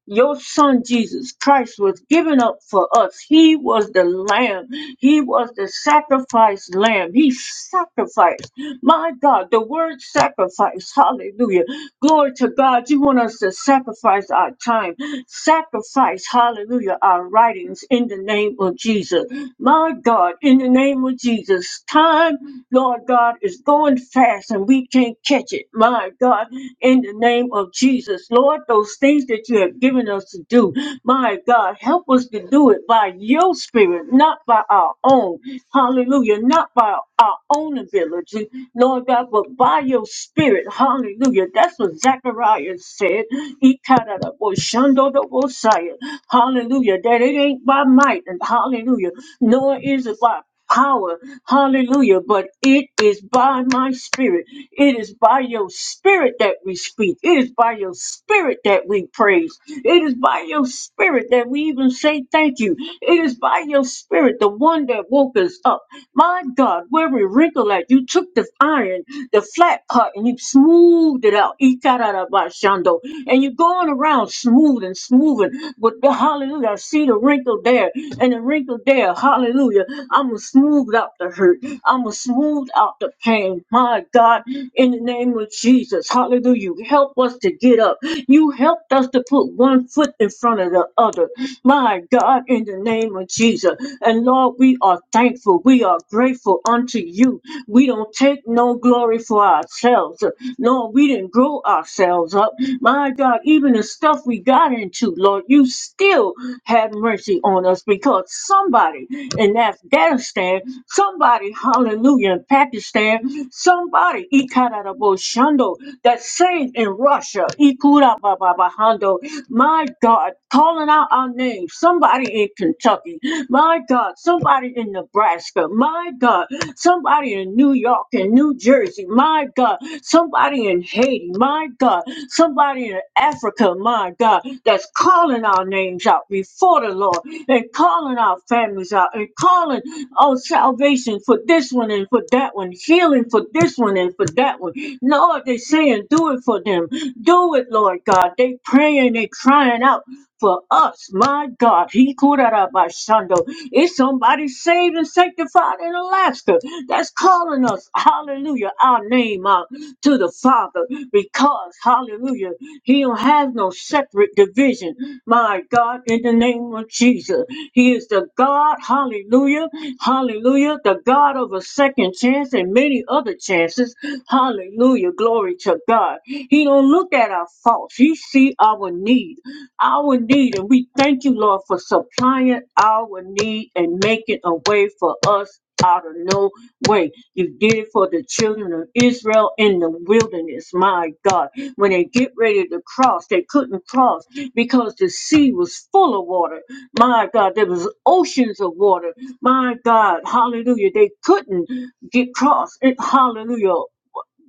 Your son Jesus Christ was given up for us. He was the lamb. He was the sacrificed lamb. He sacrificed. My God, the word sacrifice, hallelujah. Glory to God. You want us to sacrifice our time, sacrifice, hallelujah, our writings in the name of Jesus. My God, in the name of Jesus, time, Lord God, is going fast and we can't catch it. My God, in the name of Jesus, Lord, those things that you have given us to do, my God, help us to do it by your spirit, not by our own. Hallelujah. Not by our own ability, Lord God, but by your spirit. Hallelujah. That's what Zechariah said. Ikaraboshandodobosaya. Hallelujah. That it ain't by might and hallelujah. Nor is it by power. Hallelujah. But it is by my spirit. It is by your spirit that we speak. It is by your spirit that we praise. It is by your spirit that we even say thank you. It is by your spirit, the one that woke us up. My God, where we wrinkle at, you took the iron, the flat part, and you smoothed it out. Ikarabashando. And you're going around smooth and smoothing with the hallelujah. I see the wrinkle there and the wrinkle there. Hallelujah. I'm going to smooth out the hurt. I'm going to smooth out the pain. My God, in the name of Jesus. Hallelujah. You Help us to get up. You helped us to put one foot in front of the other. My God, in the name of Jesus. And Lord, we are thankful. We are grateful unto you. We don't take no glory for ourselves. Lord, we didn't grow ourselves up. My God, even the stuff we got into, Lord, you still had mercy on us because somebody in Afghanistan, somebody, hallelujah, in Pakistan, somebody, Ikarabo Shando, that saved in Russia, Ikura Baba Bahando, my God. God, calling out our names. Somebody in Kentucky, my God, somebody in Nebraska, my God, somebody in New York and New Jersey, my God, somebody in Haiti, my God, somebody in Africa, my God, that's calling our names out before the Lord and calling our families out and calling on salvation for this one and for that one, healing for this one and for that one. Lord, they're saying, do it for them. Do it, Lord God. They praying, they crying out for us. My God, he called out kurarabashando. It's somebody saved and sanctified in Alaska that's calling us, hallelujah, our name out to the Father because, hallelujah, he don't have no separate division. My God, in the name of Jesus, he is the God, hallelujah, hallelujah, the God of a second chance and many other chances. Hallelujah, glory to God. He don't look at our faults. He see our need our need. And we thank you, Lord, for supplying our need and making a way for us out of no way. You did it for the children of Israel in the wilderness, my God. When they get ready to cross, they couldn't cross because the sea was full of water. My God, there was oceans of water. My God, hallelujah. They couldn't get cross. It, hallelujah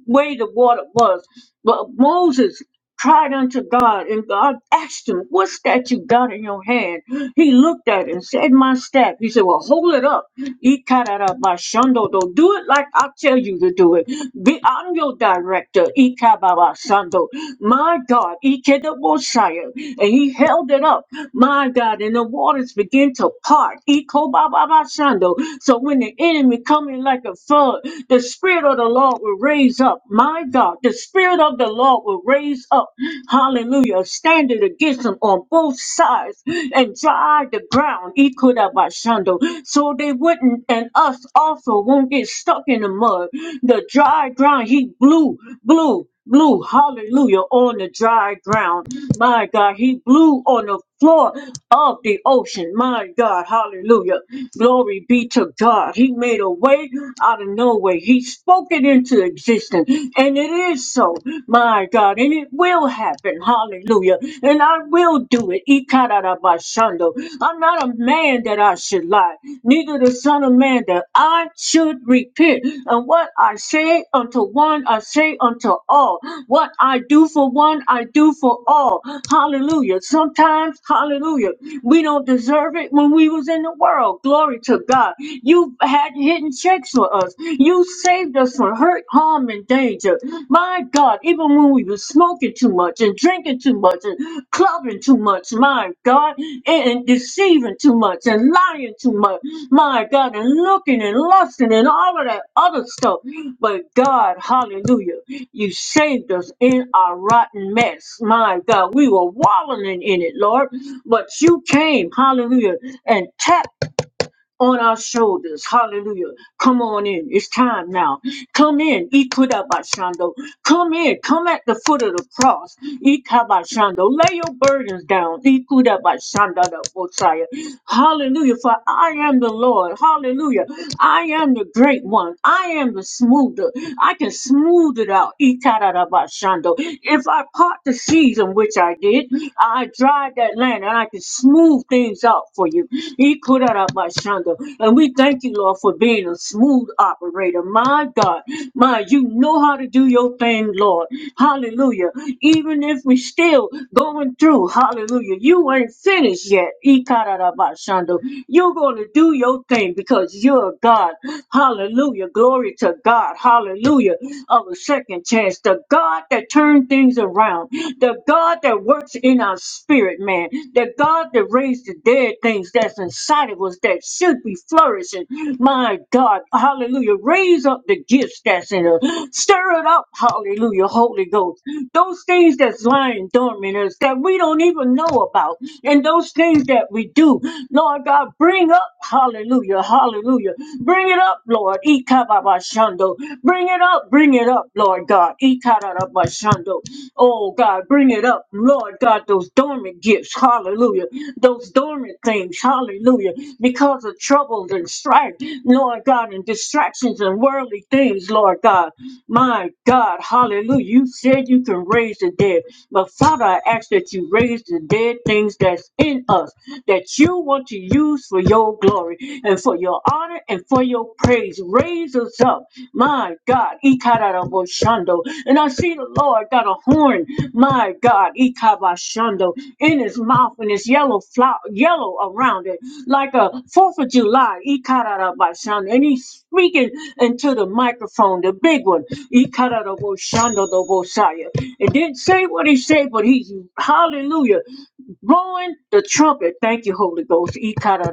way the water was. But Moses cried unto God, and God asked him, What's that you got in your hand? He looked at it and said, My staff. He said, Well, hold it up. Ikarabashando do. Do it like I tell you to do it. Be, I'm your director. Ikababashando. My God. Ikedabosaya. And he held it up. My God. And the waters begin to part. Ikobababashando. So when the enemy come in like a flood, the spirit of the Lord will raise up. My God. The spirit of the Lord will raise up. Hallelujah hallelujah, standing against them on both sides and drive the ground, Ikodabashando, so they wouldn't, and us also won't get stuck in the mud. The dry ground, he blew, blew, blew, hallelujah, on the dry ground. My God, he blew on the floor of the ocean. My God, hallelujah. Glory be to God. He made a way out of no way. He spoke it into existence. And it is so, my God. And it will happen. Hallelujah. And I will do it. Ikarabashando. I'm not a man that I should lie, neither the Son of Man that I should repent. And what I say unto one, I say unto all. What I do two for one are two for all. Hallelujah. Sometimes, hallelujah, we don't deserve it when we was in the world. Glory to God. You had hidden checks for us. You saved us from hurt, harm, and danger. My God, even when we was smoking too much and drinking too much and clubbing too much, my God, and, and deceiving too much and lying too much, my God, and looking and lusting and all of that other stuff. But God, hallelujah. You saved us in our rotten mess. My God, we were wallowing in it, Lord. But you came, hallelujah, and tapped on our shoulders. Hallelujah. Come on in. It's time now. Come in. Ikudabashando. Come in. Come at the foot of the cross. Ikabashando. Lay your burdens down. Ikudabashandadabosaya. Hallelujah. For I am the Lord. Hallelujah. I am the great one. I am the smoother. I can smooth it out. Ikadabashando. If I part the season, which I did, I dried that land and I can smooth things out for you. Ikurarabashanda. And we thank you, Lord, for being a smooth operator. My God, my, you know how to do your thing, Lord. Hallelujah. Even if we still going through, hallelujah, you ain't finished yet. Ikarabashando. You're going to do your thing because you're God. Hallelujah. Glory to God. Hallelujah. Of a second chance. The God that turned things around. The God that works in our spirit, man. The God that raised the dead things that's inside of us that should be flourishing. My God, hallelujah. Raise up the gifts that's in us. Stir it up, hallelujah, Holy Ghost. Those things that's lying dormant in us that we don't even know about, and those things that we do, Lord God, bring up, hallelujah, hallelujah. Bring it up, Lord. Ikababashando. Bring it up, bring it up, Lord God. Ikarabashando. Oh God, bring bring it up, Lord God, those dormant gifts, hallelujah, those dormant things, hallelujah, because of troubles and strife, Lord God, and distractions and worldly things, Lord God. My God, hallelujah, you said you can raise the dead, but Father, I ask that you raise the dead things that's in us that you want to use for your glory and for your honor and for your praise praise. Raise us up. My God. Ikararaboshando. And I see the Lord got a horn. My God. Ikabashando. In his mouth and his yellow flower, yellow around it. Like a 4th of July. Ikararabashando. And he's speaking into the microphone, the big one. Ikararaboshando dobosaya. It didn't say what he said, but he's hallelujah blowing the trumpet. Thank you, Holy Ghost. E kara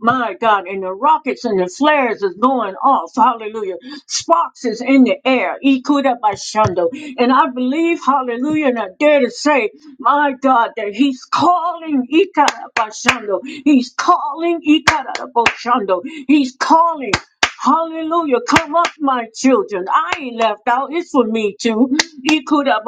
My God, and the rockets and the flares is going off. Hallelujah. Sparks is in the air. E kara And I believe, hallelujah, and I dare to say, my God, that He's calling. E kara He's calling. E kara He's calling. Hallelujah. Come up, my children. I ain't left out. It's for me too. E kara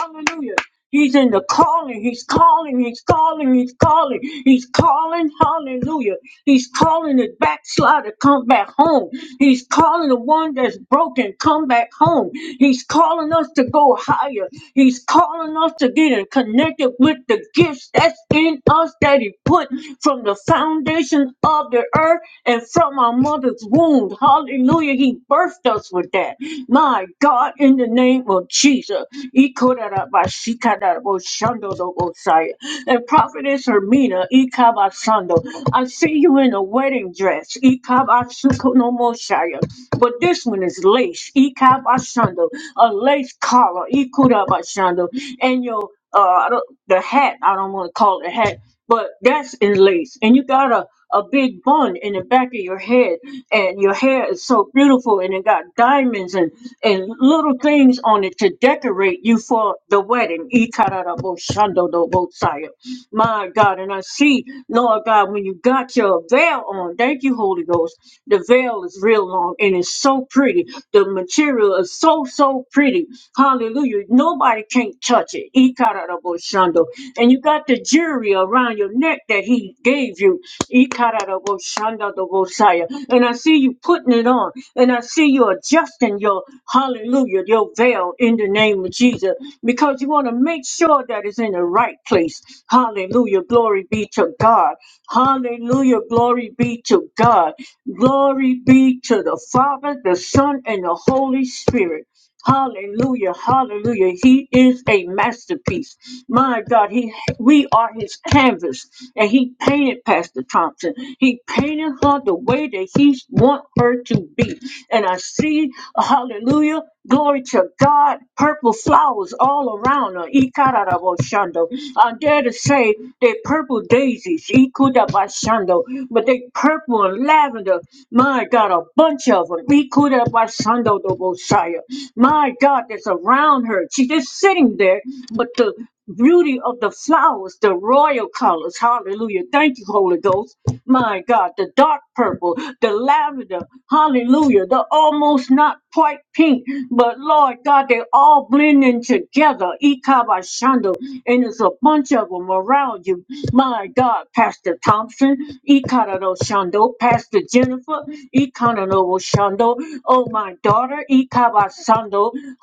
Hallelujah. He's in the calling. He's calling. He's calling. He's calling. He's calling. Hallelujah. He's calling the backslider come back home. He's calling the one that's broken come back home. He's calling us to go higher. He's calling us to get in connected with the gifts that's in us that He put from the foundation of the earth and from our mother's womb. Hallelujah. He birthed us with that that. My God, in the name of Jesus. Ikorarabashikadaboshandorobosaya. And prophetess Hermina, Ikabasando, I see you in a wedding dress. Ikabasukonomoshaya. But this one is lace. Ikabasando, a lace collar. Ikurabashando. And your, uh, I don't- the hat, I don't want to call it a hat but that's in lace. And you got a, a big bun in the back of your head, and your hair is so beautiful, and it got diamonds and, and little things on it to decorate you for the wedding. Ikararaboshandodobosaya. My God, and I see, Lord God, when you got your veil on, thank you, Holy Ghost, the veil is real long and it's so pretty. The material is so, so pretty. Hallelujah. Nobody can't touch it Ikararaboshando. And you got the jury around your neck that he gave you. Ikararaboshandadobosaya. And I see you putting it on. And I see you adjusting your hallelujah, your veil in the name of Jesus. Because you want to make sure that it's in the right place. Hallelujah. Glory be to God. Hallelujah. Glory be to God. Glory be to the Father, the Son, and the Holy Spirit. Hallelujah, hallelujah. He is a masterpiece. My God, he we are his canvas. And he painted Pastor Thompson. He painted her the way that he want her to be. And I see, hallelujah, glory to God, purple flowers all around her. Ikararaboshando. I dare to say they purple daisies, Ikudabashando, but they purple and lavender. My God, a bunch of them. Ikudabasando dobosaya. My God, that's around her. She's just sitting there, but the beauty of the flowers, the royal colors. Hallelujah. Thank you, Holy Ghost. My God, the dark purple, the lavender. Hallelujah. The almost not quite pink, but Lord God, they all blending together. Ikabashando. And it's a bunch of them around you. My. My God, Pastor Thompson, Ikarano Shando, Pastor Jennifer, Ikanano Shando, oh my daughter, Ikaba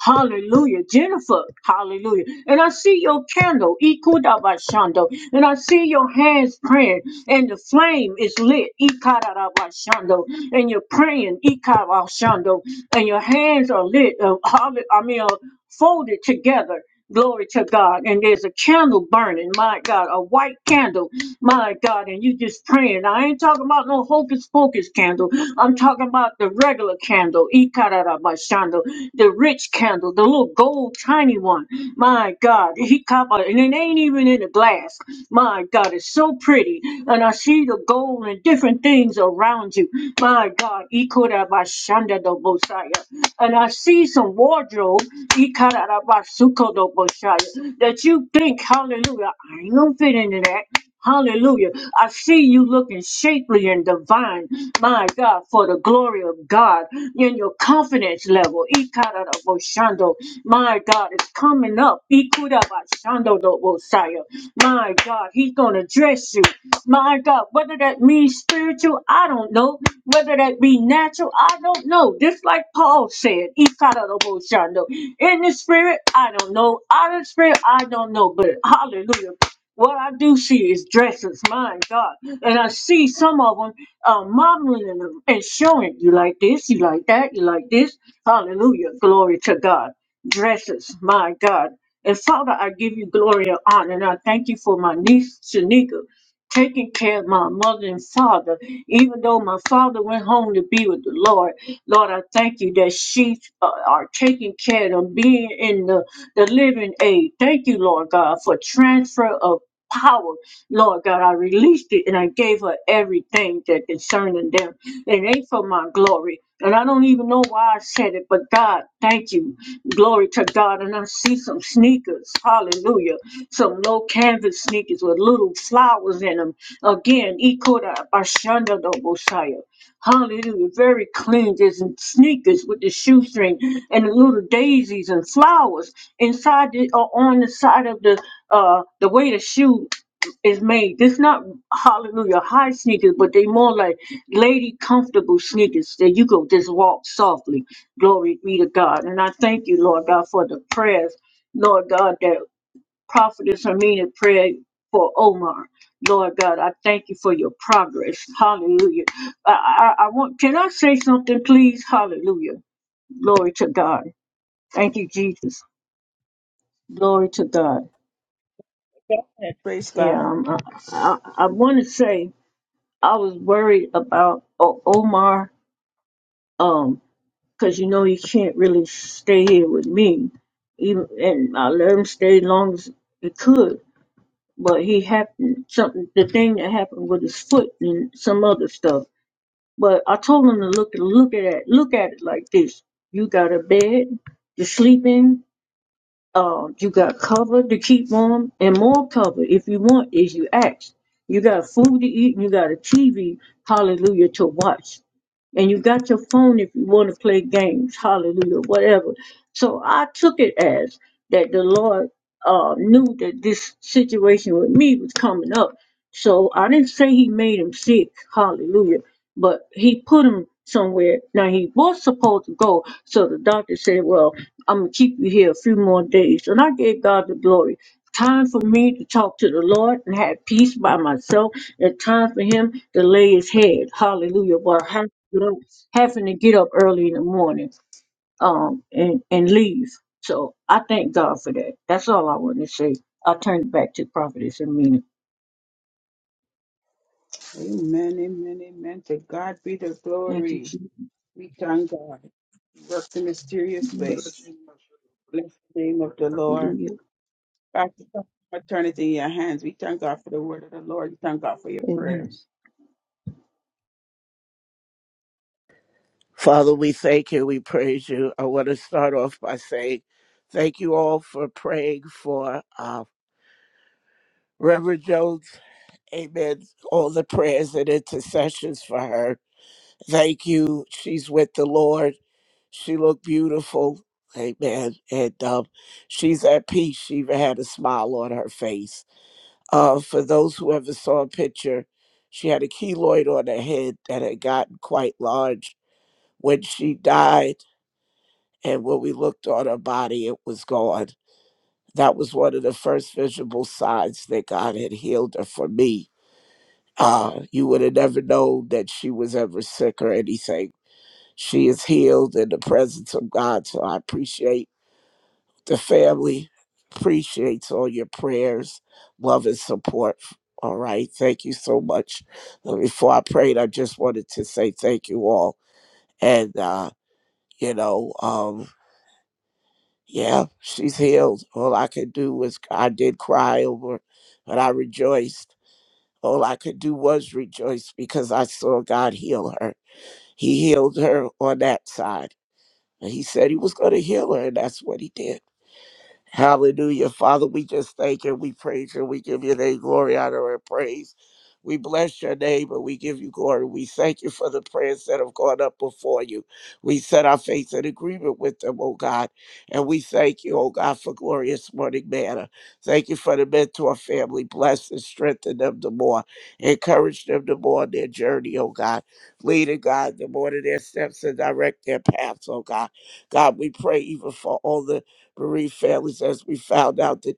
hallelujah, Jennifer, hallelujah. And I see your candle, Ikudaba and I see your hands praying, and the flame is lit, Ikaraba and you're praying, Ikaba and your hands are lit, uh, halle- I mean, uh, folded together. Glory to God. And there's a candle burning, my God, a white candle, my God, and you just praying. I ain't talking about no hocus pocus candle. I'm talking about the regular candle, Ikarabashando, the rich candle, the little gold tiny one. My God, he copper, and it ain't even in a glass. My God, it's so pretty. And I see the gold and different things around you. My God, Ikarabashando, and I see some wardrobe Ikarabasukodoboshaya, that you think, hallelujah, I ain't gonna fit into that. Hallelujah. I see you looking shapely and divine, my God, for the glory of God in your confidence level. Ikararaboshando, My God, it's coming up. Ikurabashandodobosaya, My God, He's gonna dress you. My God, whether that means spiritual, I don't know. Whether that be natural, I don't know. Just like Paul said, "Ikaraboshando." in the spirit, I don't know. Out of the spirit, I don't know. But hallelujah. What I do see is dresses, my God. And I see some of them uh, modeling them and showing you like this, you like that, you like this. Hallelujah. Glory to God. Dresses, my God. And Father, I give you glory and honor. And I thank you for my niece, Shanika taking care of my mother and father, even though my father went home to be with the Lord. Lord, I thank you that she uh, are taking care of them, being in the, the living aid. Thank you, Lord God, for transfer of power. Lord God, I released it and I gave her everything that concerning them. It ain't for my glory. And I don't even know why I said it, but God, thank you. Glory to God. And I see some sneakers. Hallelujah. Some low canvas sneakers with little flowers in them. Again, Ikora Bashanda do Bosaya. Hallelujah. Very clean. There's some sneakers with the shoestring and the little daisies and flowers inside the, or on the side of the uh the way the shoe is made. It's not hallelujah high sneakers, but they more like lady comfortable sneakers that you go just walk softly. Glory be to God. And I thank you, Lord God, for the prayers, Lord God, that Prophetess Amina prayed for Omar. Lord God, I thank you for your progress. Hallelujah. I, I, I want, can I say something, please? Hallelujah. Glory to God. Thank you, Jesus. Glory to God. Go ahead. Praise Yeah, God. um, I, I, I want to say I was worried about o- Omar, um, because you know he can't really stay here with me, even and I let him stay as long as he could but he happened something the thing that happened with his foot and some other stuff. But I told him to look look at it look at it like this. You got a bed to sleep in, uh, you got cover to keep warm and more cover if you want, if you ask. You got food to eat and you got a TV, hallelujah, to watch. And you got your phone if you want to play games, hallelujah, whatever. So I took it as that the Lord uh, knew that this situation with me was coming up. So I didn't say he made him sick, hallelujah, but he put him somewhere. Now he was supposed to go. So the doctor said, well, I'm gonna keep you here a few more days. And I gave God the glory. Time for me to talk to the Lord and have peace by myself, and time for Him to lay His head. Hallelujah. But having to get up having to get up early in the morning um, and, and leave. So I thank God for that. That's all I want to say. I'll turn it back to Prophetess Amina. Amen, amen, amen. To God be the Thank you, glory. We thank God. He works in mysterious ways. Jesus. Bless the name of the Lord. Hallelujah. back to eternity in your hands. We thank God for the word of the Lord. We thank God for your Amen. prayers. Father, we thank you. We praise you. I want to start off by saying thank you all for praying for uh, Reverend Jones. Amen. All the prayers and intercessions for her. Thank you. She's with the Lord. She looked beautiful. Amen. And um, she's at peace. She even had a smile on her face. Uh, for those who ever saw a picture, she had a keloid on her head that had gotten quite large when she died and when we looked on her body, it was gone. That was one of the first visible signs that God had healed her for me. Uh, you would have never known that she was ever sick or anything. She is healed in the presence of God. So I appreciate the family, appreciates all your prayers, love, and support. All right. Thank you so much. Uh, Before I prayed, I just wanted to say thank you all. And, uh, you know, um. Yeah, she's healed. All I could do was, I did cry over, but I rejoiced. All I could do was rejoice because I saw God heal her. He healed her on that side. And he said he was going to heal her, and that's what he did. Hallelujah. Father, we just thank you. We praise you. We give your name glory, honor, and praise. We bless your name and we give you glory. We thank you for the prayers that have gone up before you. We set our faith in agreement with them, oh God. And we thank you, oh God, for glorious morning manna. Thank you for the mentor family. Bless and strengthen them the more. Encourage them the more on their journey, oh God. Lead and guide them more to their steps and direct their paths, oh God. God, we pray even for all the bereaved families as we found out that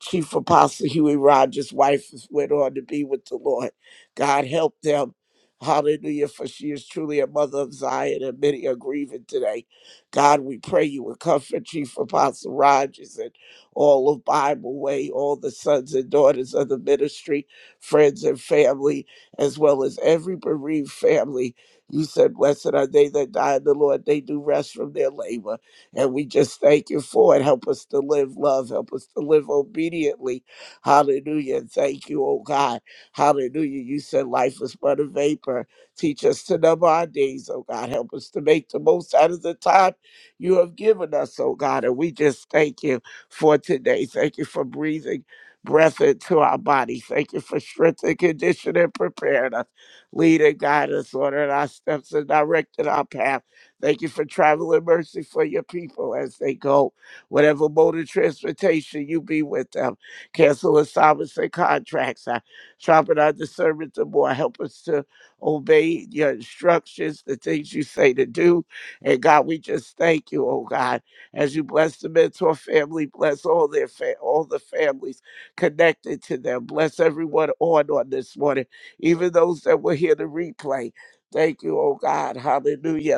Chief Apostle Huey Rogers' wife is- went on to be with the Lord. God help them. Hallelujah, for she is truly a mother of Zion, and many are grieving today. God, we pray you would comfort Chief Apostle Rogers and all of Bible Way, all the sons and daughters of the ministry, friends and family, as well as every bereaved family. You said, Blessed are they that die in the Lord, they do rest from their labor. And we just thank you for it. Help us to live love. Help us to live obediently. Hallelujah. And Thank you, oh God. Hallelujah. You said life is but a vapor. Teach us to number our days, oh God. Help us to make the most out of the time you have given us, oh God. And we just thank you for today. Thank you for breathing breath into our body. Thank you for strength and conditioning, preparing us. Lead and guide us, order our steps and directing our path. Thank you for traveling mercy for your people as they go. Whatever mode of transportation you be with them, cancel assignments and contracts. I sharpen our discernment the more. Help us to obey your instructions, the things you say to do. And God, we just thank you, oh God, as you bless the mentor family, bless all their fa- all the families connected to them. Bless everyone on on this morning, even those that will hear the replay. Thank you, oh God. Hallelujah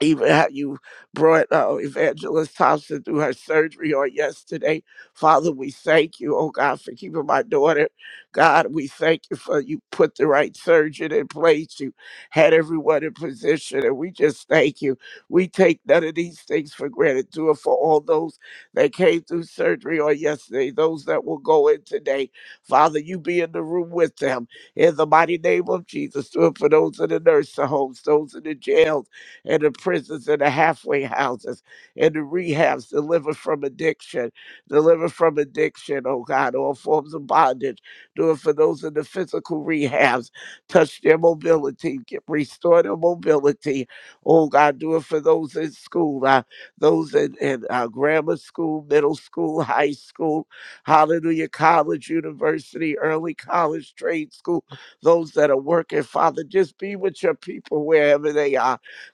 even how you brought uh, Evangelist Thompson through her surgery on yesterday. Father, we thank you, oh God, for keeping my daughter. God, we thank you for you put the right surgeon in place. You had everyone in position, and we just thank you. We take none of these things for granted. Do it for all those that came through surgery on yesterday, those that will go in today. Father, you be in the room with them. In the mighty name of Jesus, do it for those in the nursing homes, those in the jails in the prisons and the halfway houses and the rehabs, deliver from addiction, deliver from addiction, oh God, all forms of bondage. Do it for those in the physical rehabs. Touch their mobility, get, restore their mobility. Oh God, do it for those in school, uh, those in, in uh, grammar school, middle school, high school, hallelujah, college, university, early college, trade school, those that are working, Father, just be with your people wherever they are.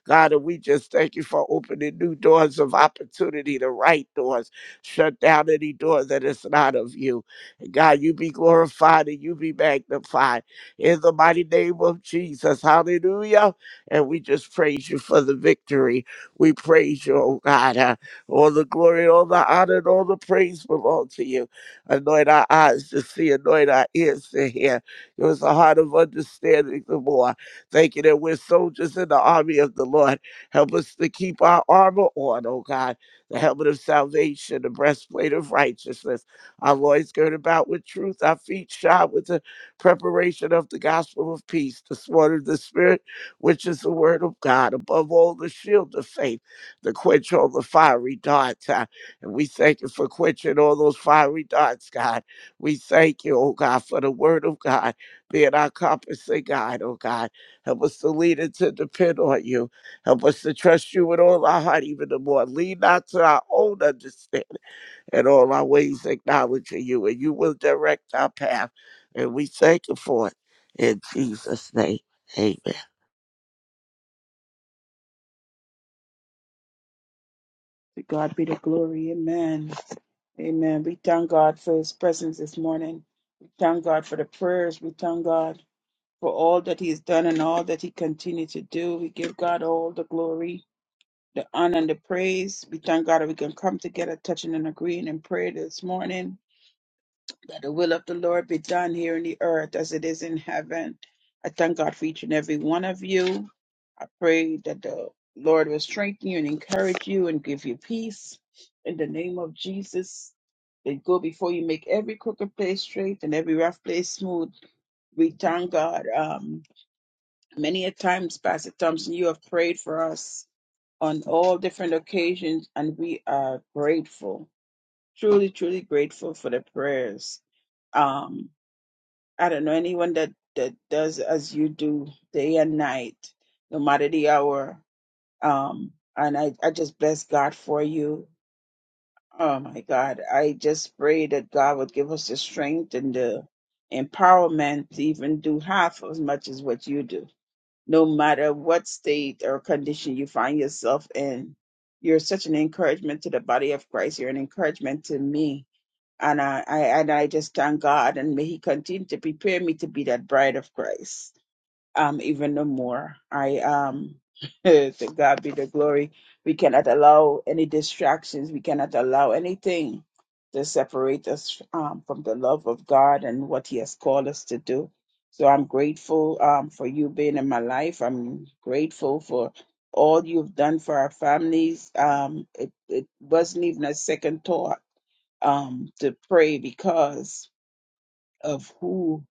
God, and we just thank you for opening new doors of opportunity, the right doors. Shut down any door that is not of you. And God, you be glorified and you be magnified in the mighty name of Jesus. Hallelujah. And we just praise you for the victory. We praise you, oh God. Uh, all the glory, all the honor, and all the praise belong to you. Anoint our eyes to see, anoint our ears to hear. Give us a heart of understanding the more. Thank you that we're soldiers in the army of the Lord. Help us to keep our armor on, oh God, the helmet of salvation, the breastplate of righteousness, our loins girded about with truth, our feet shod with the preparation of the gospel of peace, the sword of the Spirit, which is the word of God, above all, the shield of faith, the quench all the fiery darts. uh, And we thank you for quenching all those fiery darts, God. We thank you, oh God, for the word of God being our compass and guide, oh God. Help us to lean and to depend on you. Help us to trust you with all our heart, even the more. Lean not to our own understanding. In all our ways, acknowledging you, and you will direct our path. And we thank you for it. In Jesus' name, amen. To God be the glory. Amen. Amen. We thank God for his presence this morning. We thank God for the prayers. We thank God for all that he has done and all that he continues to do. We give God all the glory, the honor, and the praise. We thank God that we can come together, touching and agreeing in prayer this morning. Let the will of the Lord be done here in the earth as it is in heaven. I thank God for each and every one of you. I pray that the Lord will strengthen you and encourage you and give you peace in the name of Jesus. They go before you make every crooked place straight and every rough place smooth. We thank God. Um, many a times, Pastor Thompson, you have prayed for us on all different occasions, and we are grateful, truly, truly grateful for the prayers. Um, I don't know anyone that that does as you do day and night, no matter the hour. Um, and I I just bless God for you. Oh my God, I just pray that God would give us the strength and the empowerment to even do half as much as what you do, no matter what state or condition you find yourself in. You're such an encouragement to the body of Christ. You're an encouragement to me and I, I and I just thank God and may He continue to prepare me to be that bride of Christ. Um, even no more. I um to God be the glory. We cannot allow any distractions, we cannot allow anything to separate us um, from the love of God and what He has called us to do. So I'm grateful um, for you being in my life. I'm grateful for all you've done for our families. Um, it, it wasn't even a second thought um, to pray because of who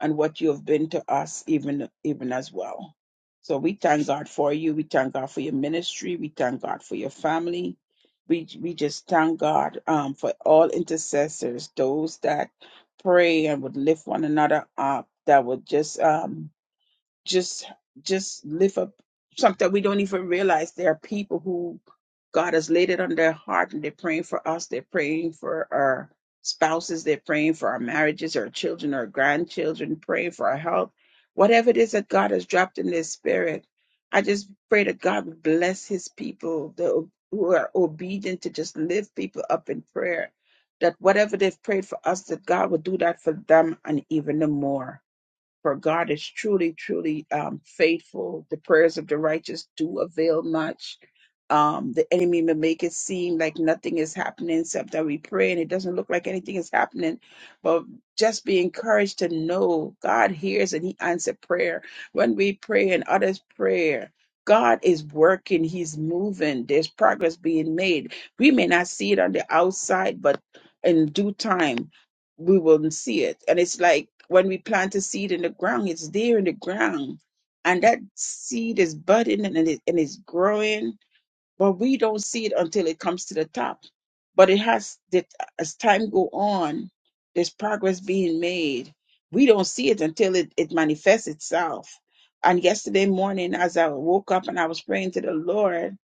and what you have been to us, even even as well. So we thank God for you. We thank God for your ministry. We thank God for your family. We we just thank God um, for all intercessors, those that pray and would lift one another up, that would just um, just just lift up something we don't even realize there are people who God has laid it on their heart and they're praying for us, they're praying for our spouses, they're praying for our marriages, our children, our grandchildren, praying for our health, whatever it is that God has dropped in their spirit. I just pray that God would bless his people the, who are obedient to just lift people up in prayer. That whatever they've prayed for us, that God would do that for them and even the more. For God is truly, truly um, faithful. The prayers of the righteous do avail much. Um, the enemy may make it seem like nothing is happening except that we pray and it doesn't look like anything is happening. But just be encouraged to know God hears and He answers prayer. When we pray and others pray, God is working, He's moving, there's progress being made. We may not see it on the outside, but in due time, we wouldn't see it. And it's like when we plant a seed in the ground, it's there in the ground. And that seed is budding and, it, and it's growing, but we don't see it until it comes to the top. But it has that as time go on, there's progress being made. We don't see it until it, it manifests itself. And yesterday morning, as I woke up and I was praying to the Lord,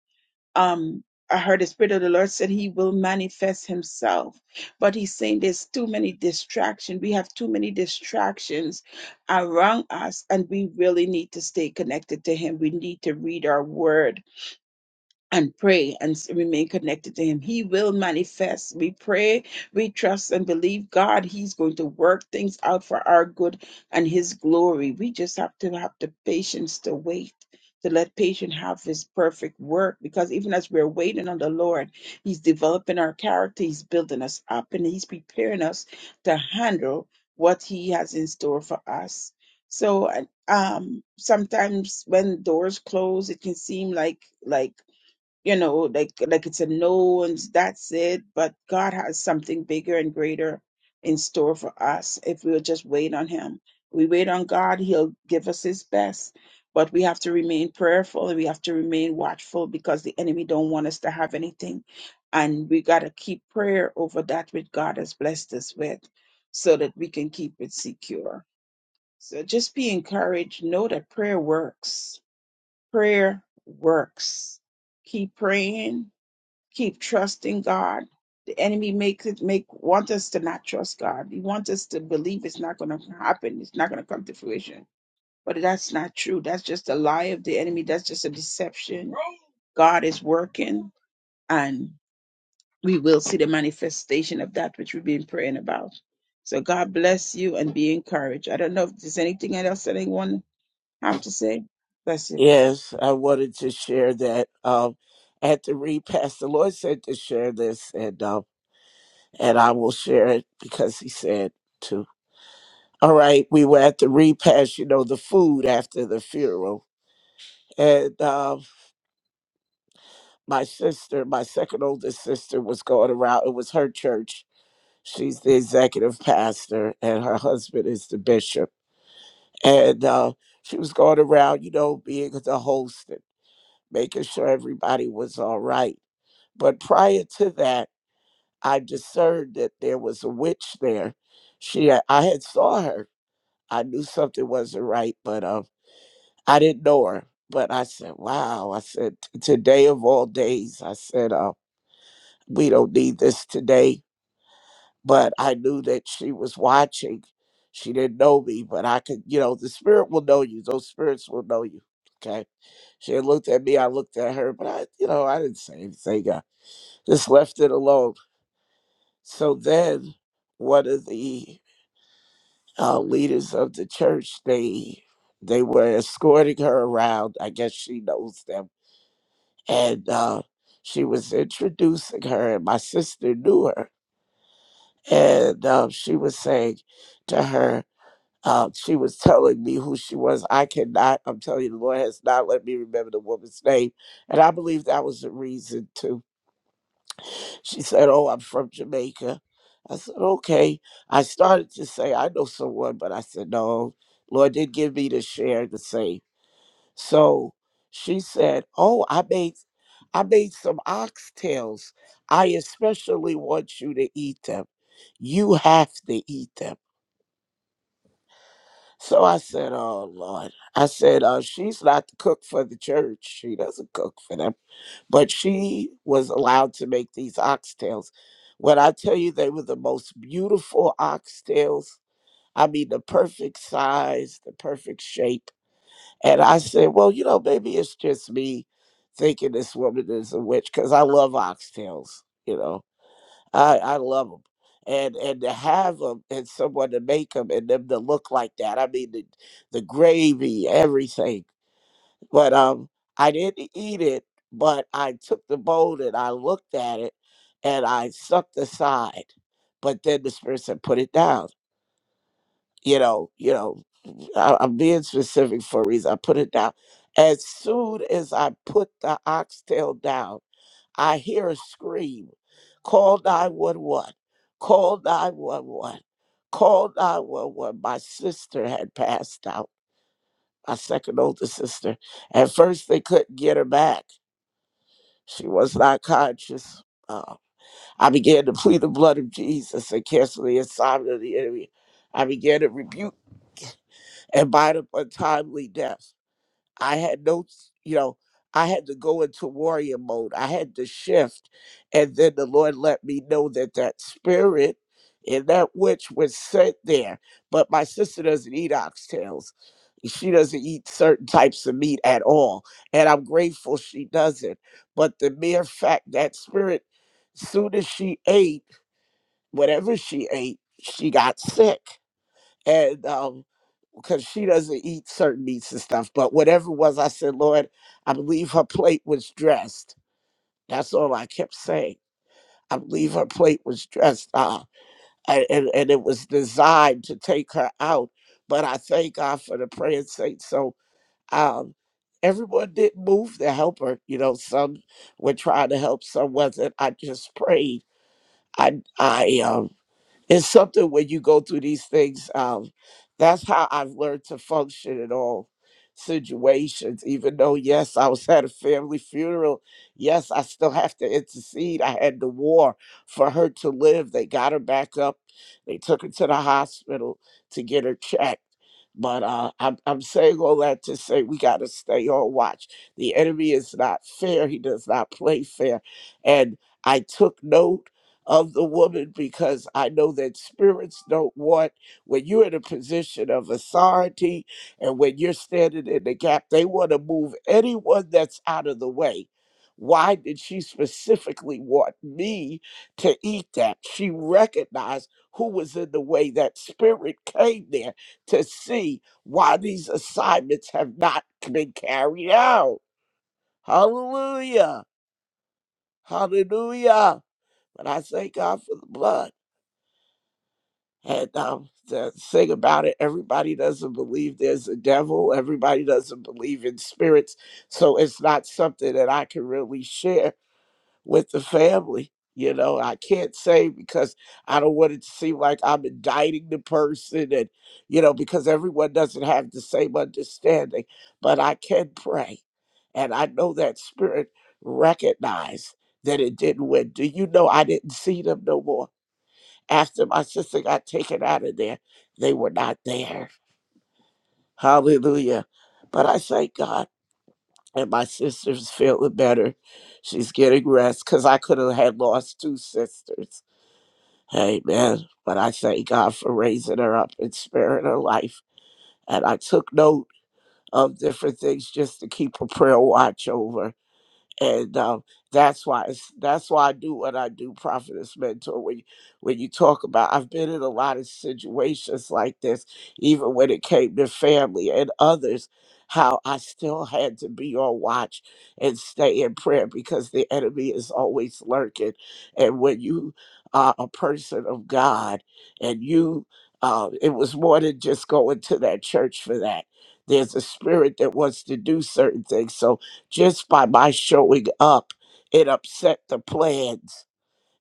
um I heard the Spirit of the Lord said He will manifest Himself. But He's saying there's too many distractions. We have too many distractions around us, and we really need to stay connected to Him. We need to read our word and pray and s- remain connected to him. He will manifest. We pray, we trust and believe God. He's going to work things out for our good and his glory. We just have to have the patience to wait. To let patient have his perfect work, because even as we're waiting on the Lord, He's developing our character, He's building us up, and He's preparing us to handle what He has in store for us. So, uh, um, sometimes when doors close, it can seem like like you know, like like it's a no and that's it. But God has something bigger and greater in store for us if we'll just wait on Him. We wait on God, He'll give us His best. But we have to remain prayerful and we have to remain watchful because the enemy don't want us to have anything. And we gotta keep prayer over that which God has blessed us with so that we can keep it secure. So just be encouraged. Know that prayer works. Prayer works keep praying keep trusting God. The enemy makes it make want us to not trust God. He wants us to believe it's not going to happen. It's not going to come to fruition. But that's not true. That's just a lie of the enemy. That's just a deception. God is working, and we will see the manifestation of that which we've been praying about. So God bless you and be encouraged. I don't know if there's anything else that anyone have to say. Bless you. Yes, I wanted to share that. Um, at the repast, the Lord said to share this, and um, and I will share it because He said to. All right, we were at the repast, you know, the food after the funeral, and um, my sister, my second oldest sister, was going around. It was her church. She's the executive pastor, and her husband is the bishop. And uh, she was going around, you know, being the host and making sure everybody was all right. But prior to that, I discerned that there was a witch there. She, had- I had saw her. I knew something wasn't right, but uh, I didn't know her. But I said, "Wow!" I said, "T- "Today of all days," I said, "Uh." we don't need this today. But I knew that she was watching. She didn't know me, but I could, you know, the spirit will know you. Those spirits will know you. Okay. She had looked at me. I looked at her, but I, you know, I didn't say anything. I just left it alone. So then one of the uh, leaders of the church, they, they were escorting her around. I guess she knows them. And uh, she was introducing her, and my sister knew her and um, she was saying to her, um, she was telling me who she was. I cannot, I'm telling you, the Lord has not let me remember the woman's name. And I believe that was the reason too. She said, Oh, I'm from Jamaica. I said, Okay. I started to say, I know someone, but I said, No, Lord did give me the share the same. So she said, Oh, I made I made some oxtails. I especially want you to eat them. You have to eat them. So I said, Oh Lord. I said, uh, she's not the cook for the church. She doesn't cook for them. But she was allowed to make these oxtails. When I tell you they were the most beautiful oxtails, I mean the perfect size, the perfect shape. And I said, Well, you know, maybe it's just me thinking this woman is a witch because I love oxtails, you know. I I love them, and and to have them and someone to make them and them to look like that. I mean the the gravy, everything. But um, I didn't eat it, but I took the bowl and I looked at it, and I sucked the side. But then the spirit said, "Put it down." You know, you know. I, I'm being specific for a reason. I put it down. As soon as I put the oxtail down. I hear a scream. Call 911. Call 911. Call 911. My sister had passed out, my second oldest sister. At first, they couldn't get her back. She was not conscious. Uh, I began to plead the blood of Jesus and cancel the assignment of the enemy. I began to rebuke and bind up untimely death. I had no, s- you know, I had to go into warrior mode. I had to shift. And then the Lord let me know that that spirit and that witch was sent there. But my sister doesn't eat oxtails. She doesn't eat certain types of meat at all. And I'm grateful she doesn't. But the mere fact that spirit, soon as she ate, whatever she ate, she got sick. And um, because she doesn't eat certain meats and stuff. But whatever it was, I said, Lord, I believe her plate was dressed. That's all I kept saying. I believe her plate was dressed, uh, and, and, and it was designed to take her out. But I thank God for the praying saints. So um, everyone didn't move to help her. You know, some were trying to help, some wasn't. I just prayed. I I um it's something when you go through these things um that's how i've learned to function in all situations even though yes i was at a family funeral yes i still have to intercede i had the war for her to live they got her back up they took her to the hospital to get her checked but uh, I'm, I'm saying all that to say we got to stay on watch. The enemy is not fair. He does not play fair. And I took no of the woman because I know that spirits don't want, when you're in a position of authority and when you're standing in the gap, they want to move anyone that's out of the way. Why did she specifically want me to eat that? She recognized who was in the way. That spirit came there to see why these assignments have not been carried out. Hallelujah. Hallelujah. But I thank God for the blood. and um, the thing about it, everybody doesn't believe there's a devil. Everybody doesn't believe in spirits. So it's not something that I can really share with the family. You know, I can't say because I don't want it to seem like I'm indicting the person and, you know, because everyone doesn't have the same understanding. But I can pray. And I know that spirit recognized that it didn't win. Do you know I didn't see them no more? after my sister got taken out of there, they were not there. Hallelujah. But I thank God. And my sister's feeling better. She's getting rest because I could have had lost two sisters. Amen. But I thank God for raising her up and sparing her life. And I took note of different things just to keep a prayer watch over. and um, that's why it's, that's why I do what I do, prophetess mentor. When you- when you talk about, I've been in a lot of situations like this, even when it came to family and others, how I still had to be on watch and stay in prayer because the enemy is always lurking. And when you are a person of God, and you, uh, it was more than just going to that church for that. There's a spirit that wants to do certain things. So just by my showing up, it upset the plans.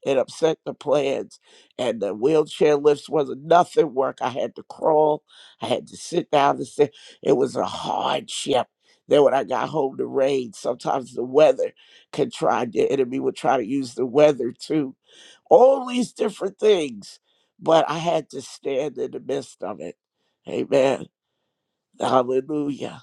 It upset the plans. And the wheelchair lifts wasn't nothing work. I had to crawl. I had to sit down and sit. It was a hardship. Then when I got home to rain, sometimes the weather could try the enemy would try to use the weather too. All these different things. But I had to stand in the midst of it. Amen. Hallelujah.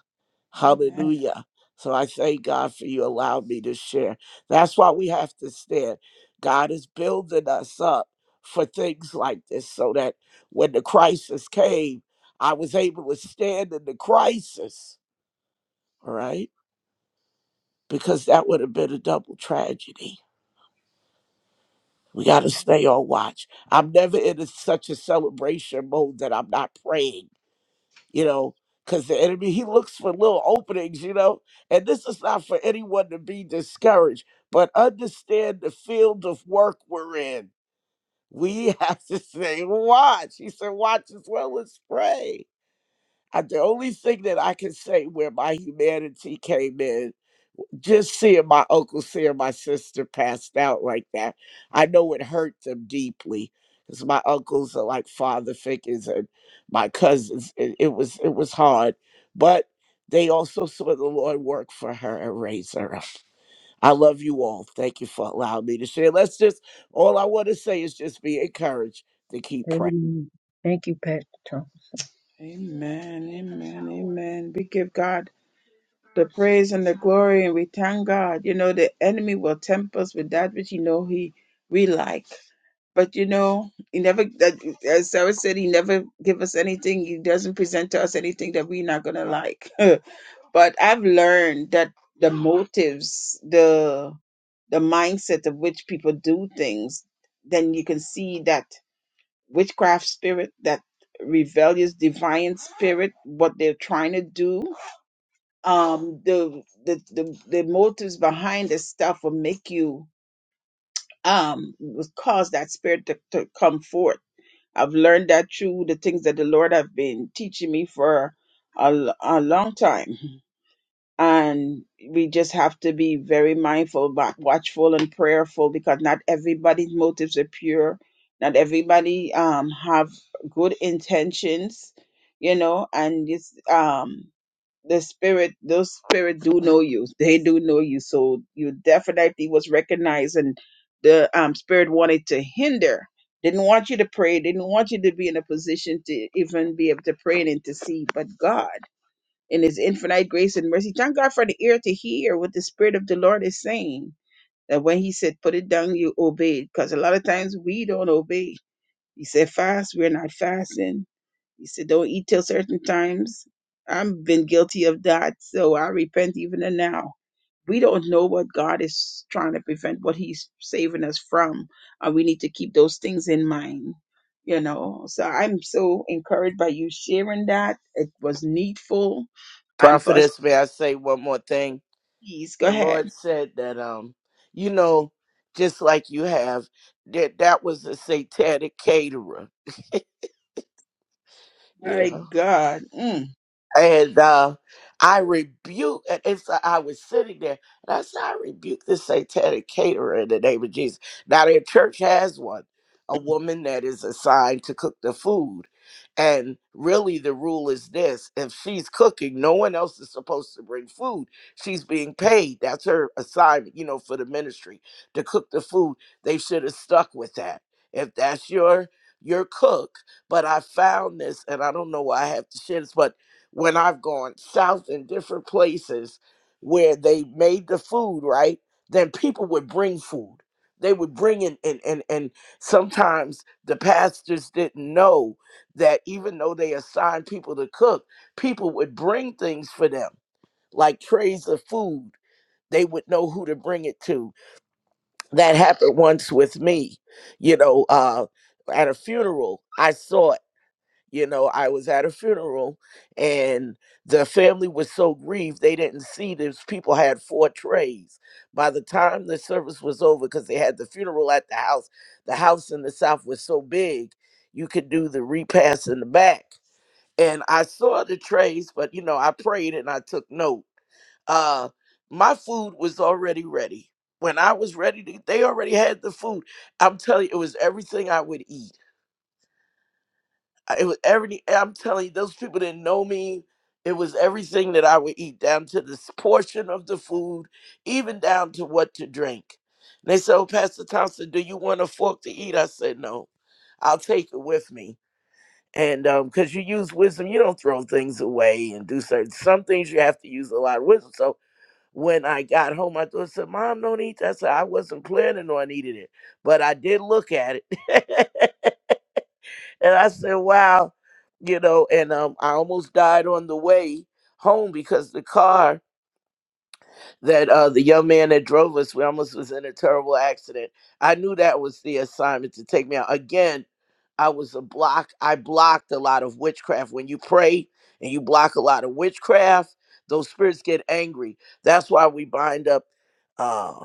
Amen. Hallelujah. So I thank God for you allowing me to share. That's why we have to stand. God is building us up for things like this so that when the crisis came, I was able to stand in the crisis, all right? Because that would have been a double tragedy. We got to stay on watch. I'm never in a, such a celebration mode that I'm not praying you know, because the enemy, he looks for little openings, you know. And this is not for anyone to be discouraged, but understand the field of work we're in. We have to say, watch. He said, watch as well as pray. I, the only thing that I can say where my humanity came in just seeing my uncle, seeing my sister passed out like that, I know it hurt them deeply because my uncles are like father figures and my cousins. It, it was it was hard, but they also saw the Lord work for her and raise her up. I love you all. Thank you for allowing me to share. Let's just all I want to say is just be encouraged to keep praying. Amen. Thank you, Pastor Thompson. Amen. Amen. Amen. Amen. We give God the praise and the glory, and we thank God. You know, the enemy will tempt us with that which you know he we like. But you know, he never that as Sarah said, he never give us anything, he doesn't present to us anything that we're not gonna like. but I've learned that the motives, the the mindset of which people do things, then you can see that witchcraft spirit, that rebellious defiant spirit, what they're trying to do um the the the, the motives behind this stuff will make you um will cause that spirit to, to come forth i've learned that through the things that the lord have been teaching me for a, l- a long time and we just have to be very mindful but watchful and prayerful because not everybody's motives are pure not everybody um have good intentions you know and it's um the spirit those spirit do know you they do know you so you definitely was recognized and the um, spirit wanted to hinder didn't want you to pray didn't want you to be in a position to even be able to pray and intercede but god in his infinite grace and mercy thank god for the ear to hear what the spirit of the lord is saying that when he said put it down you obeyed because a lot of times we don't obey he said, fast. We're not fasting. He said, don't eat till certain times. I've been guilty of that, so I repent even and now. We don't know what God is trying to prevent, what He's saving us from, and we need to keep those things in mind. You know, so I'm so encouraged by you sharing that. It was needful, and for us, Prophetess, may I say one more thing? please go the ahead. Lord said that um you know just like you have that that was a satanic caterer. My Yeah. God, Mm. And uh, I rebuke, and and so I was sitting there, and I said, I rebuke this satanic caterer in the name of Jesus. Now, their church has one, a woman that is assigned to cook the food. And really, the rule is this if she's cooking, no one else is supposed to bring food. She's being paid. That's her assignment, you know, for the ministry to cook the food. They should have stuck with that. If that's your your cook, but I found this, and I don't know why I have to share this, but when I've gone south in different places where they made the food, right? Then people would bring food. They would bring in and and and sometimes the pastors didn't know that even though they assigned people to cook, people would bring things for them, like trays of food. They would know who to bring it to. That happened once with me, you know, uh at a funeral. I saw it you know i was at a funeral and the family was so grieved they didn't see this people had four trays by the time the service was over because they had the funeral at the house the house in the south was so big you could do the repast in the back and i saw the trays but you know i prayed and i took note uh my food was already ready when i was ready to they already had the food i'm telling you it was everything i would eat I- it was every i'm telling you those people didn't know me it was everything that i would eat down to this portion of the food even down to what to drink and they said oh pastor thompson do you want a fork to eat i said no i'll take it with me and um because you use wisdom you don't throw things away and do certain some things you have to use a lot of wisdom so when i got home my daughter said mom don't eat that i said i wasn't planning on eating it but i did look at it And I said, wow, you know, and um, I almost died on the way home because the car that uh, the young man that drove us, we almost was in a terrible accident. I knew that was the assignment to take me out. Again, I was a block. I blocked a lot of witchcraft. When you pray and you block a lot of witchcraft, those spirits get angry. That's why we bind up. Uh,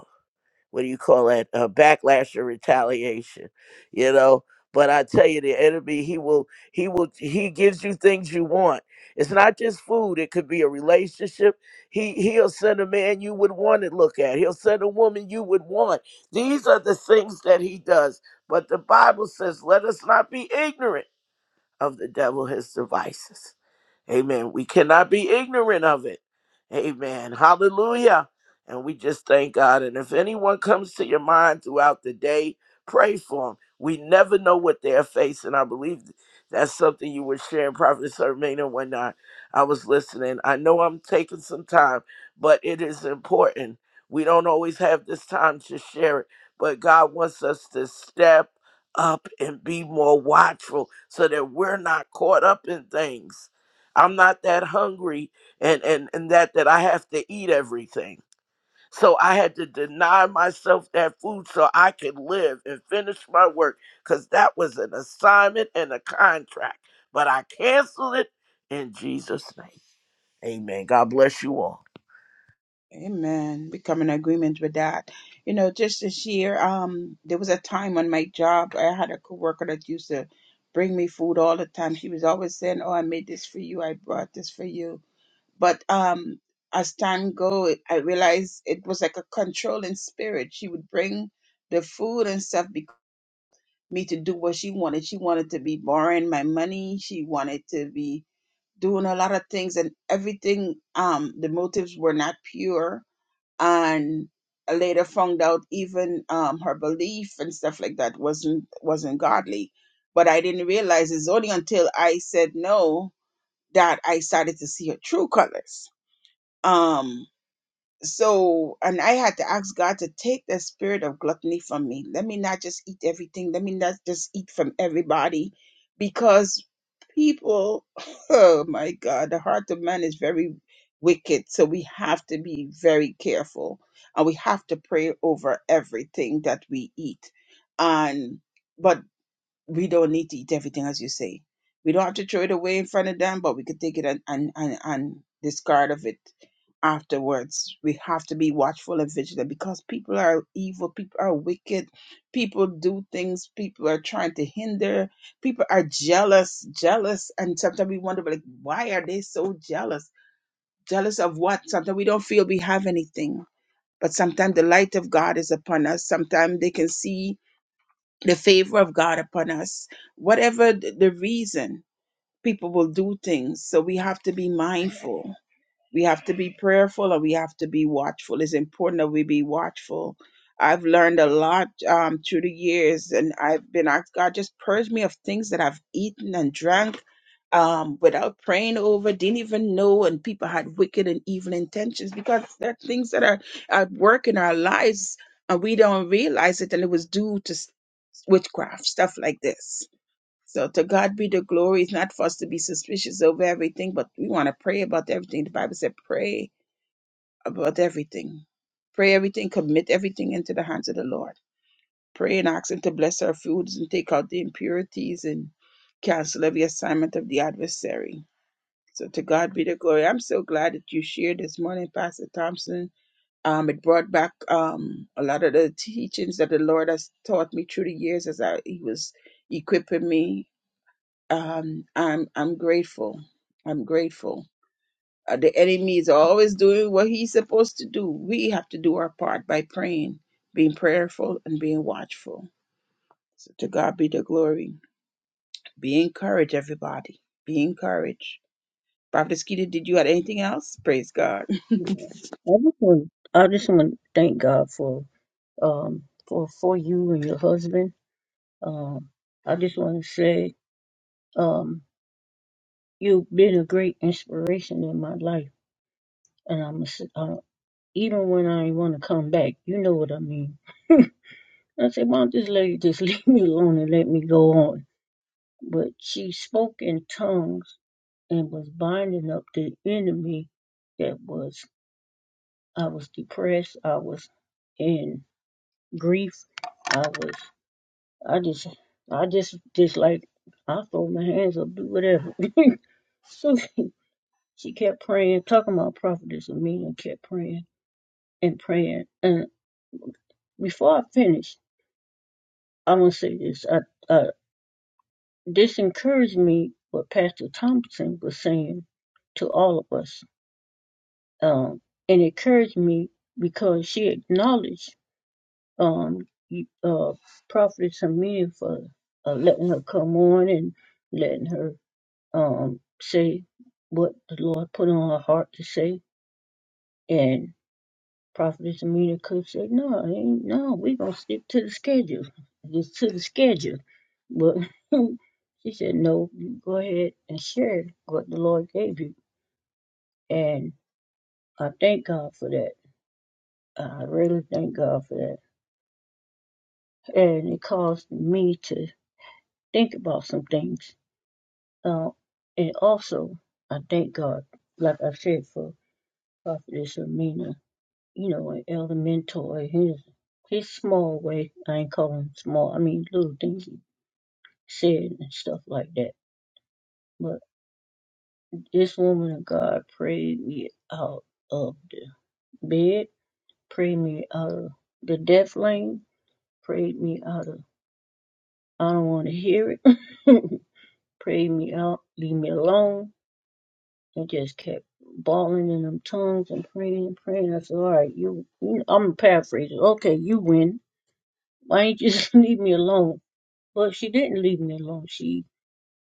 what do you call that uh, backlash or retaliation you know but i tell you the enemy he will he will he gives you things you want it's not just food it could be a relationship he he'll send a man you would want to look at he'll send a woman you would want these are the things that he does but the bible says let us not be ignorant of the devil his devices Amen. We cannot be ignorant of it. Amen. Hallelujah. And we just thank God. And if anyone comes to your mind throughout the day, pray for them. We never know what they're facing. I believe that's something you were sharing, Prophet Sermina, when I, I was listening. I know I'm taking some time, but it is important. We don't always have this time to share it, but God wants us to step up and be more watchful so that we're not caught up in things I'm not that hungry and and and that that I have to eat everything. So I had to deny myself that food so I could live and finish my work cuz that was an assignment and a contract. But I canceled it in Jesus name. Amen. God bless you all. Amen. We come in agreement with that. You know, just this year, um, there was a time on my job I had a coworker that used to bring me food all the time. She was always saying, "Oh, I made this for you. I brought this for you." But um, as time go, I realized it was like a controlling spirit. She would bring the food and stuff because me to do what she wanted. She wanted to be borrowing my money. She wanted to be doing a lot of things, and everything. Um, the motives were not pure and I later found out even um, her belief and stuff like that wasn't wasn't godly. But I didn't realize it's only until I said no that I started to see her true colors. Um so and i had to ask god to take the spirit of gluttony from me let me not just eat everything let me not just eat from everybody because people oh my god the heart of man is very wicked so we have to be very careful and we have to pray over everything that we eat and but we don't need to eat everything, as you say. We don't have to throw it away in front of them, but we could take it and, and, and, and discard of it afterwards. We have to be watchful and vigilant because people are evil, people are wicked, people do things, people are trying to hinder, people are jealous, jealous, and sometimes we wonder like why are they so jealous? Jealous of what? Sometimes we don't feel we have anything. But sometimes the light of God is upon us. Sometimes they can see the favor of God upon us. Whatever th- the reason, people will do things. So we have to be mindful. We have to be prayerful and we have to be watchful. It's important that we be watchful. I've learned a lot um, through the years, and I've been asked God just purge me of things that I've eaten and drank um, without praying over, didn't even know, and people had wicked and evil intentions because there are things that are at work in our lives and we don't realize it, and it was due to witchcraft, stuff like this. So to God be the glory. It's not for us to be suspicious over everything, but we want to pray about everything. The Bible said, pray about everything. Pray everything, commit everything into the hands of the Lord. Pray and ask Him to bless our foods and take out the impurities and cancel every assignment of the adversary. So to God be the glory. I'm so glad that you shared this morning, Pastor Thompson. Um, it brought back um, a lot of the teachings that the Lord has taught me through the years as I, He was equipping me. Um, I'm I'm grateful. I'm grateful. Uh, the enemy is always doing what he's supposed to do. We have to do our part by praying, being prayerful, and being watchful. So to God be the glory. Be encouraged, everybody. Be encouraged. Prophet Skeeter, did you add anything else? Praise God. Yeah. I just want I just want to thank God for um, for for you and your husband. Um, I just want to say um, you've been a great inspiration in my life, and I'm a s uh, even when I want to come back, you know what I mean. I said, "Mom, this lady just leave me alone and let me go on." But she spoke in tongues and was binding up the enemy that was. I was depressed. I was in grief. I was. I just, I just, just like, I throw my hands up, do whatever. so she, she kept praying, talking about prophetess and me, and kept praying and praying. And before I finished, I want to say this. I, uh, this encouraged me what Pastor Thompson was saying to all of us. Um, and encouraged me because she acknowledged um, you- uh, prophetess Amelia for uh, letting her come on and letting her um, say what the Lord put on her heart to say. And Prophetess Amina could say, no, it ain't, no, we going to stick to the schedule. Just to the schedule. But she said, no, you go ahead and share what the Lord gave you. And I thank God for that. I really thank God for that. And it caused me to think about some things. Uh, and also, I thank God, like I said, for Prophetess Amina you know, an elder mentor, his his small way, I ain't call him small, I mean little things he said and stuff like that. But this woman of God prayed me out of the bed, prayed me out of the death lane, prayed me out of I don't want to hear it, prayed me out, leave me alone, and just kept bawling in them tongues and praying and praying. I said, all right, you, you I'm paraphrasing. Okay, you win. Why ain't you just leave me alone? Well, she didn't leave me alone. She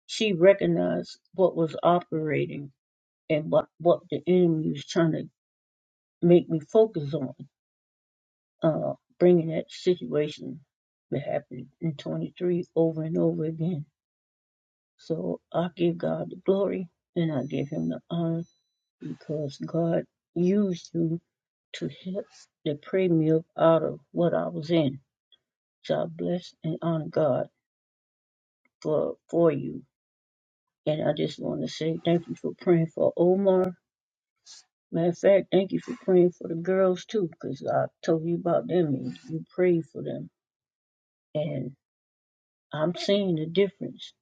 she recognized what was operating and what what the enemy was trying to make me focus on, uh, bringing that situation that happened in 23 over and over again. So I give God the glory and I give Him the honor because God used you to help to pray me up out of what I was in. So I bless and honor God for for you. And I just want to say thank you for praying for Omar. Matter of fact, thank you for praying for the girls too, 'cause I told you about them and you prayed for them. And I'm seeing the difference.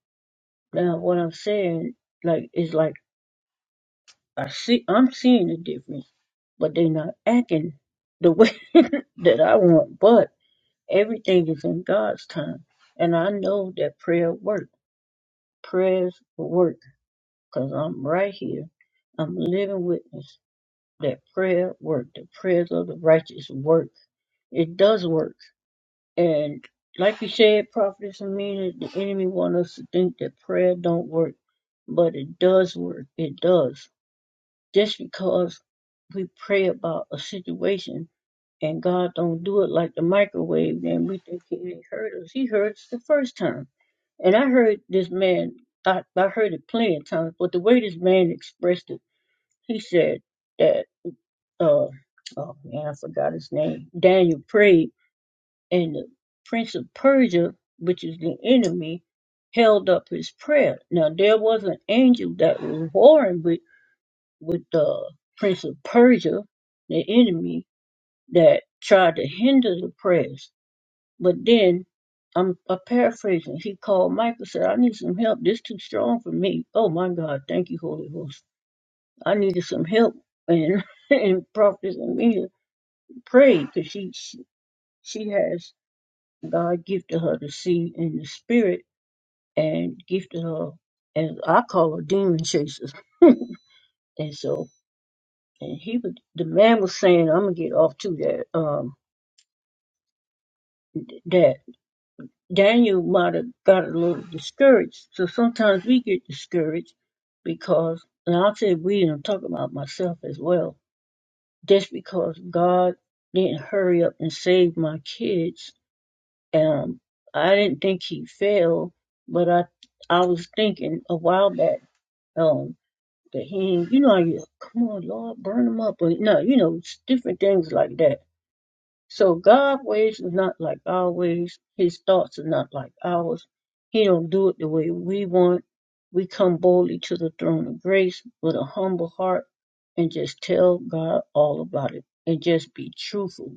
Now, what I'm saying, like, is like, I see, I'm seeing the difference, but they're not acting the way that I want. But everything is in God's time. And I know that prayer works. Prayers work, 'cause I'm right here. I'm a living witness. that prayer worked. The prayers of the righteous work. It does work. And like you said, Prophet Amina, the enemy want us to think that prayer don't work, but it does work. It does. Just because we pray about a situation and God don't do it like the microwave, then we think He ain't heard us. He heard us the first time. And I heard this man. I, I heard it plenty of times, but the way this man expressed it, he said, that uh, oh man, I forgot his name. Daniel prayed, and the prince of Persia, which is the enemy, held up his prayer. Now there was an angel that was warring with with the prince of Persia, the enemy that tried to hinder the prayers. But then I'm, I'm paraphrasing. He called Michael, said, "I need some help. This too strong for me." Oh my God! Thank you, Holy Ghost. I needed some help, and and prophets and me. prayed because she, she she has God gifted her to see in the spirit and gifted her as I call her demon chasers. And so and he was the man was saying, I'm gonna get off to that um that Daniel might have got a little discouraged. So sometimes we get discouraged because and I'll say we and I'm talking about myself as well, just because God didn't hurry up and save my kids Um, I didn't think he fell, but I I was thinking a while back um, that he, ain't- you know, you, come on, Lord, burn him up, or no, you know, it's different things like that. So God ways is not like our ways. His thoughts are not like ours. He don't do it the way we want. We come boldly to the throne of grace with a humble heart and just tell God all about it and just be truthful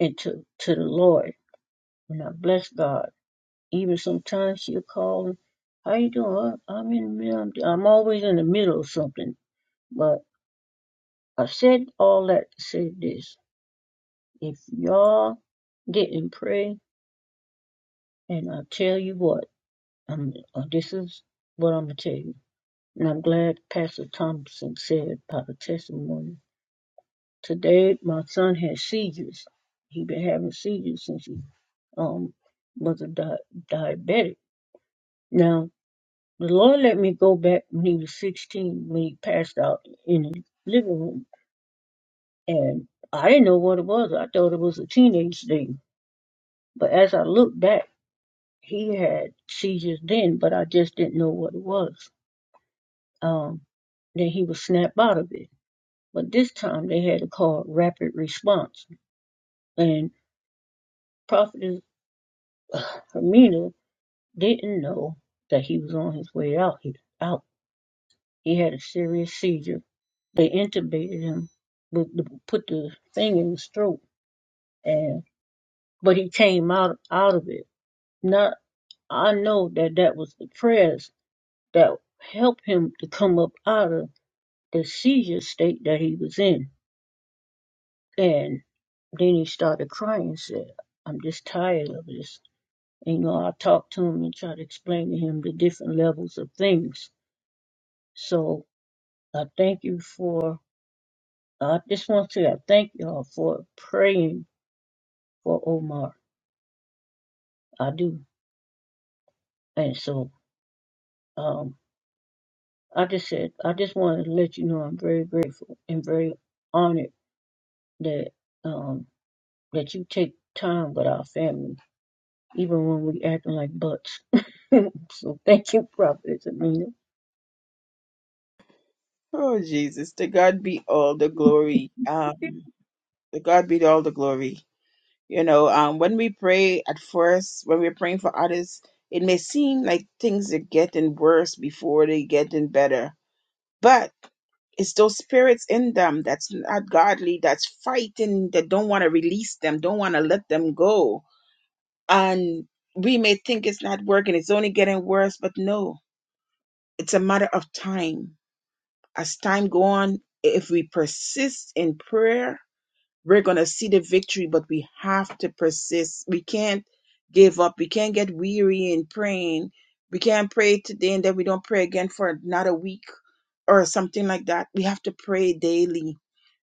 and to, to the Lord. And I bless God. Even sometimes she'll call and, how you doing? I- I'm in the middle. I'm, I'm always in the middle of something. But I said all that to say this. If y'all didn't pray, and I'll tell you what, I'm, uh, this is what I'm going to tell you. And I'm glad Pastor Thompson said about the testimony. Today, my son had seizures. he been having seizures since he um, was a di- diabetic. Now, The Lord let me go back when he was 16, when he passed out in his living room. And I didn't know what it was. I thought it was a teenage thing. But as I look back, he had seizures then, but I just didn't know what it was. Um, then he would snap out of it. But this time they had a called rapid response. And Prophetess Hermina didn't know that he was on his way out. He, out. he had a serious seizure They intubated him, with the, put the thing in his throat, and but he came out out of it. Now I know that that was the prayers that helped him to come up out of the seizure state that he was in. And then he started crying and said, "I'm just tired of this." And you know, I talked to him and tried to explain to him the different levels of things. So I thank you for. I just want to say I thank y'all for praying for Omar. I do. And so um, I just said, I just wanted to let you know I'm very grateful and very honored that um, that you take time with our family, even when we acting like butts. So thank you, Prophet Amina. Oh, Jesus. To God be all the glory. Um, To God be all the glory. You know, um, when we pray at first, when we're praying for others, it may seem like things are getting worse before they getting better. But it's those spirits in them that's not godly, that's fighting, that don't want to release them, don't want to let them go. And we may think it's not working, it's only getting worse, but no, it's a matter of time. As time go on, if we persist in prayer we're going to see the victory, but we have to persist. We can't give up. We can't get weary in praying. We can't pray today and then we don't pray again for another week or something like that. We have to pray daily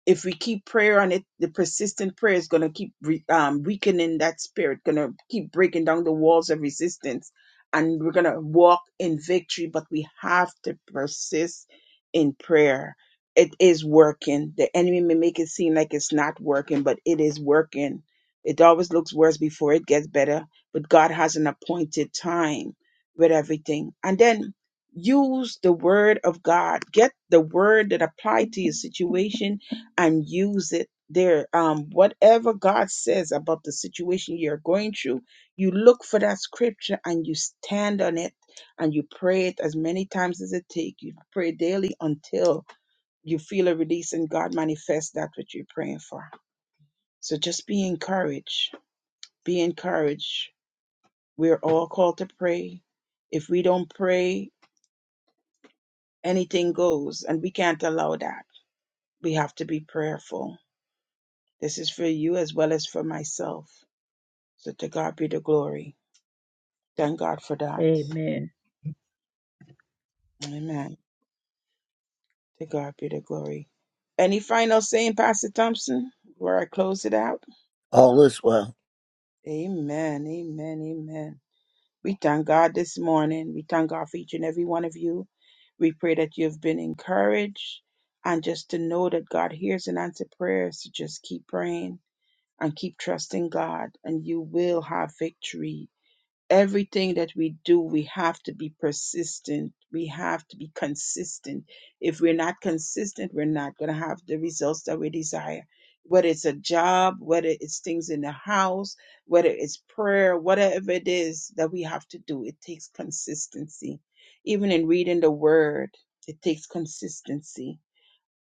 if we keep prayer on it, the persistent prayer is going to keep re- um, weakening that spirit, going to keep breaking down the walls of resistance, and we're going to walk in victory. But we have to persist in prayer. It is working. The enemy may make it seem like it's not working, but it is working. It always looks worse before it gets better, but God has an appointed time with everything. And then use the word of God. Get the word that apply to your situation and use it there. Um, whatever God says about the situation you're going through, you look for that scripture and you stand on it and you pray it as many times as it takes. You pray daily until you feel a release and God manifests that which you're praying for. So just be encouraged. Be encouraged. We're all called to pray. If we don't pray, anything goes, and we can't allow that. We have to be prayerful. This is for you as well as for myself So to God be the glory. Thank God for that. Amen. Amen. To God be the glory. Any final saying, Pastor Thompson, before I close it out? All is well. Amen. Amen. Amen. We thank God this morning. We thank God for each and every one of you. We pray that you've been encouraged and just to know that God hears and answers prayers. So just keep praying and keep trusting God, and you will have victory everything that we do, we have to be persistent. We have to be consistent. If we're not consistent, we're not going to have the results that we desire. Whether it's a job, whether it's things in the house, whether it's prayer, whatever it is that we have to do, it takes consistency. Even in reading the word, it takes consistency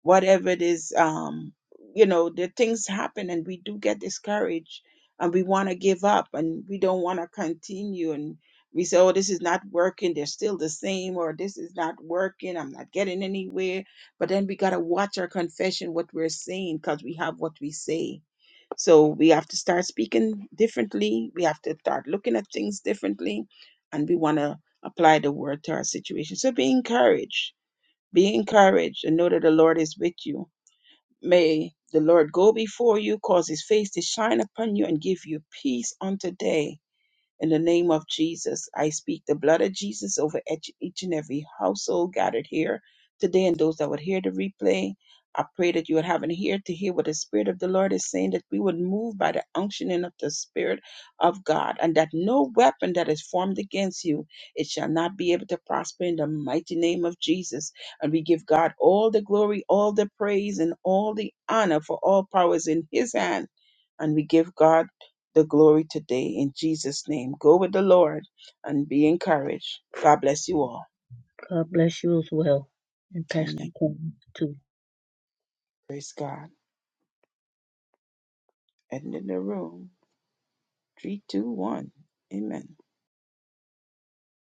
whatever it is um you know the things happen and we do get discouraged and we want to give up and we don't want to continue and we say oh this is not working they're still the same or this is not working i'm not getting anywhere but then we got to watch our confession what we're saying because we have what we say so we have to start speaking differently we have to start looking at things differently and we want to apply the word to our situation so be encouraged be encouraged and know that the lord is with you May the Lord go before you, cause his face to shine upon you, and give you peace on today. In the name of Jesus, I speak the blood of Jesus over each, each and every household gathered here today and those that would hear the replay. I pray that you would have an ear to hear what the Spirit of the Lord is saying, that we would move by the unctioning of the Spirit of God, and that no weapon that is formed against you, it shall not be able to prosper in the mighty name of Jesus. And we give God all the glory, all the praise, and all the honor for all powers in His hand. And we give God the glory today in Jesus' name. Go with the Lord and be encouraged. God bless you all. God bless you as well. And Pastor Amen. Quinn, too. Praise God. And in the room. Three, two, one. Amen.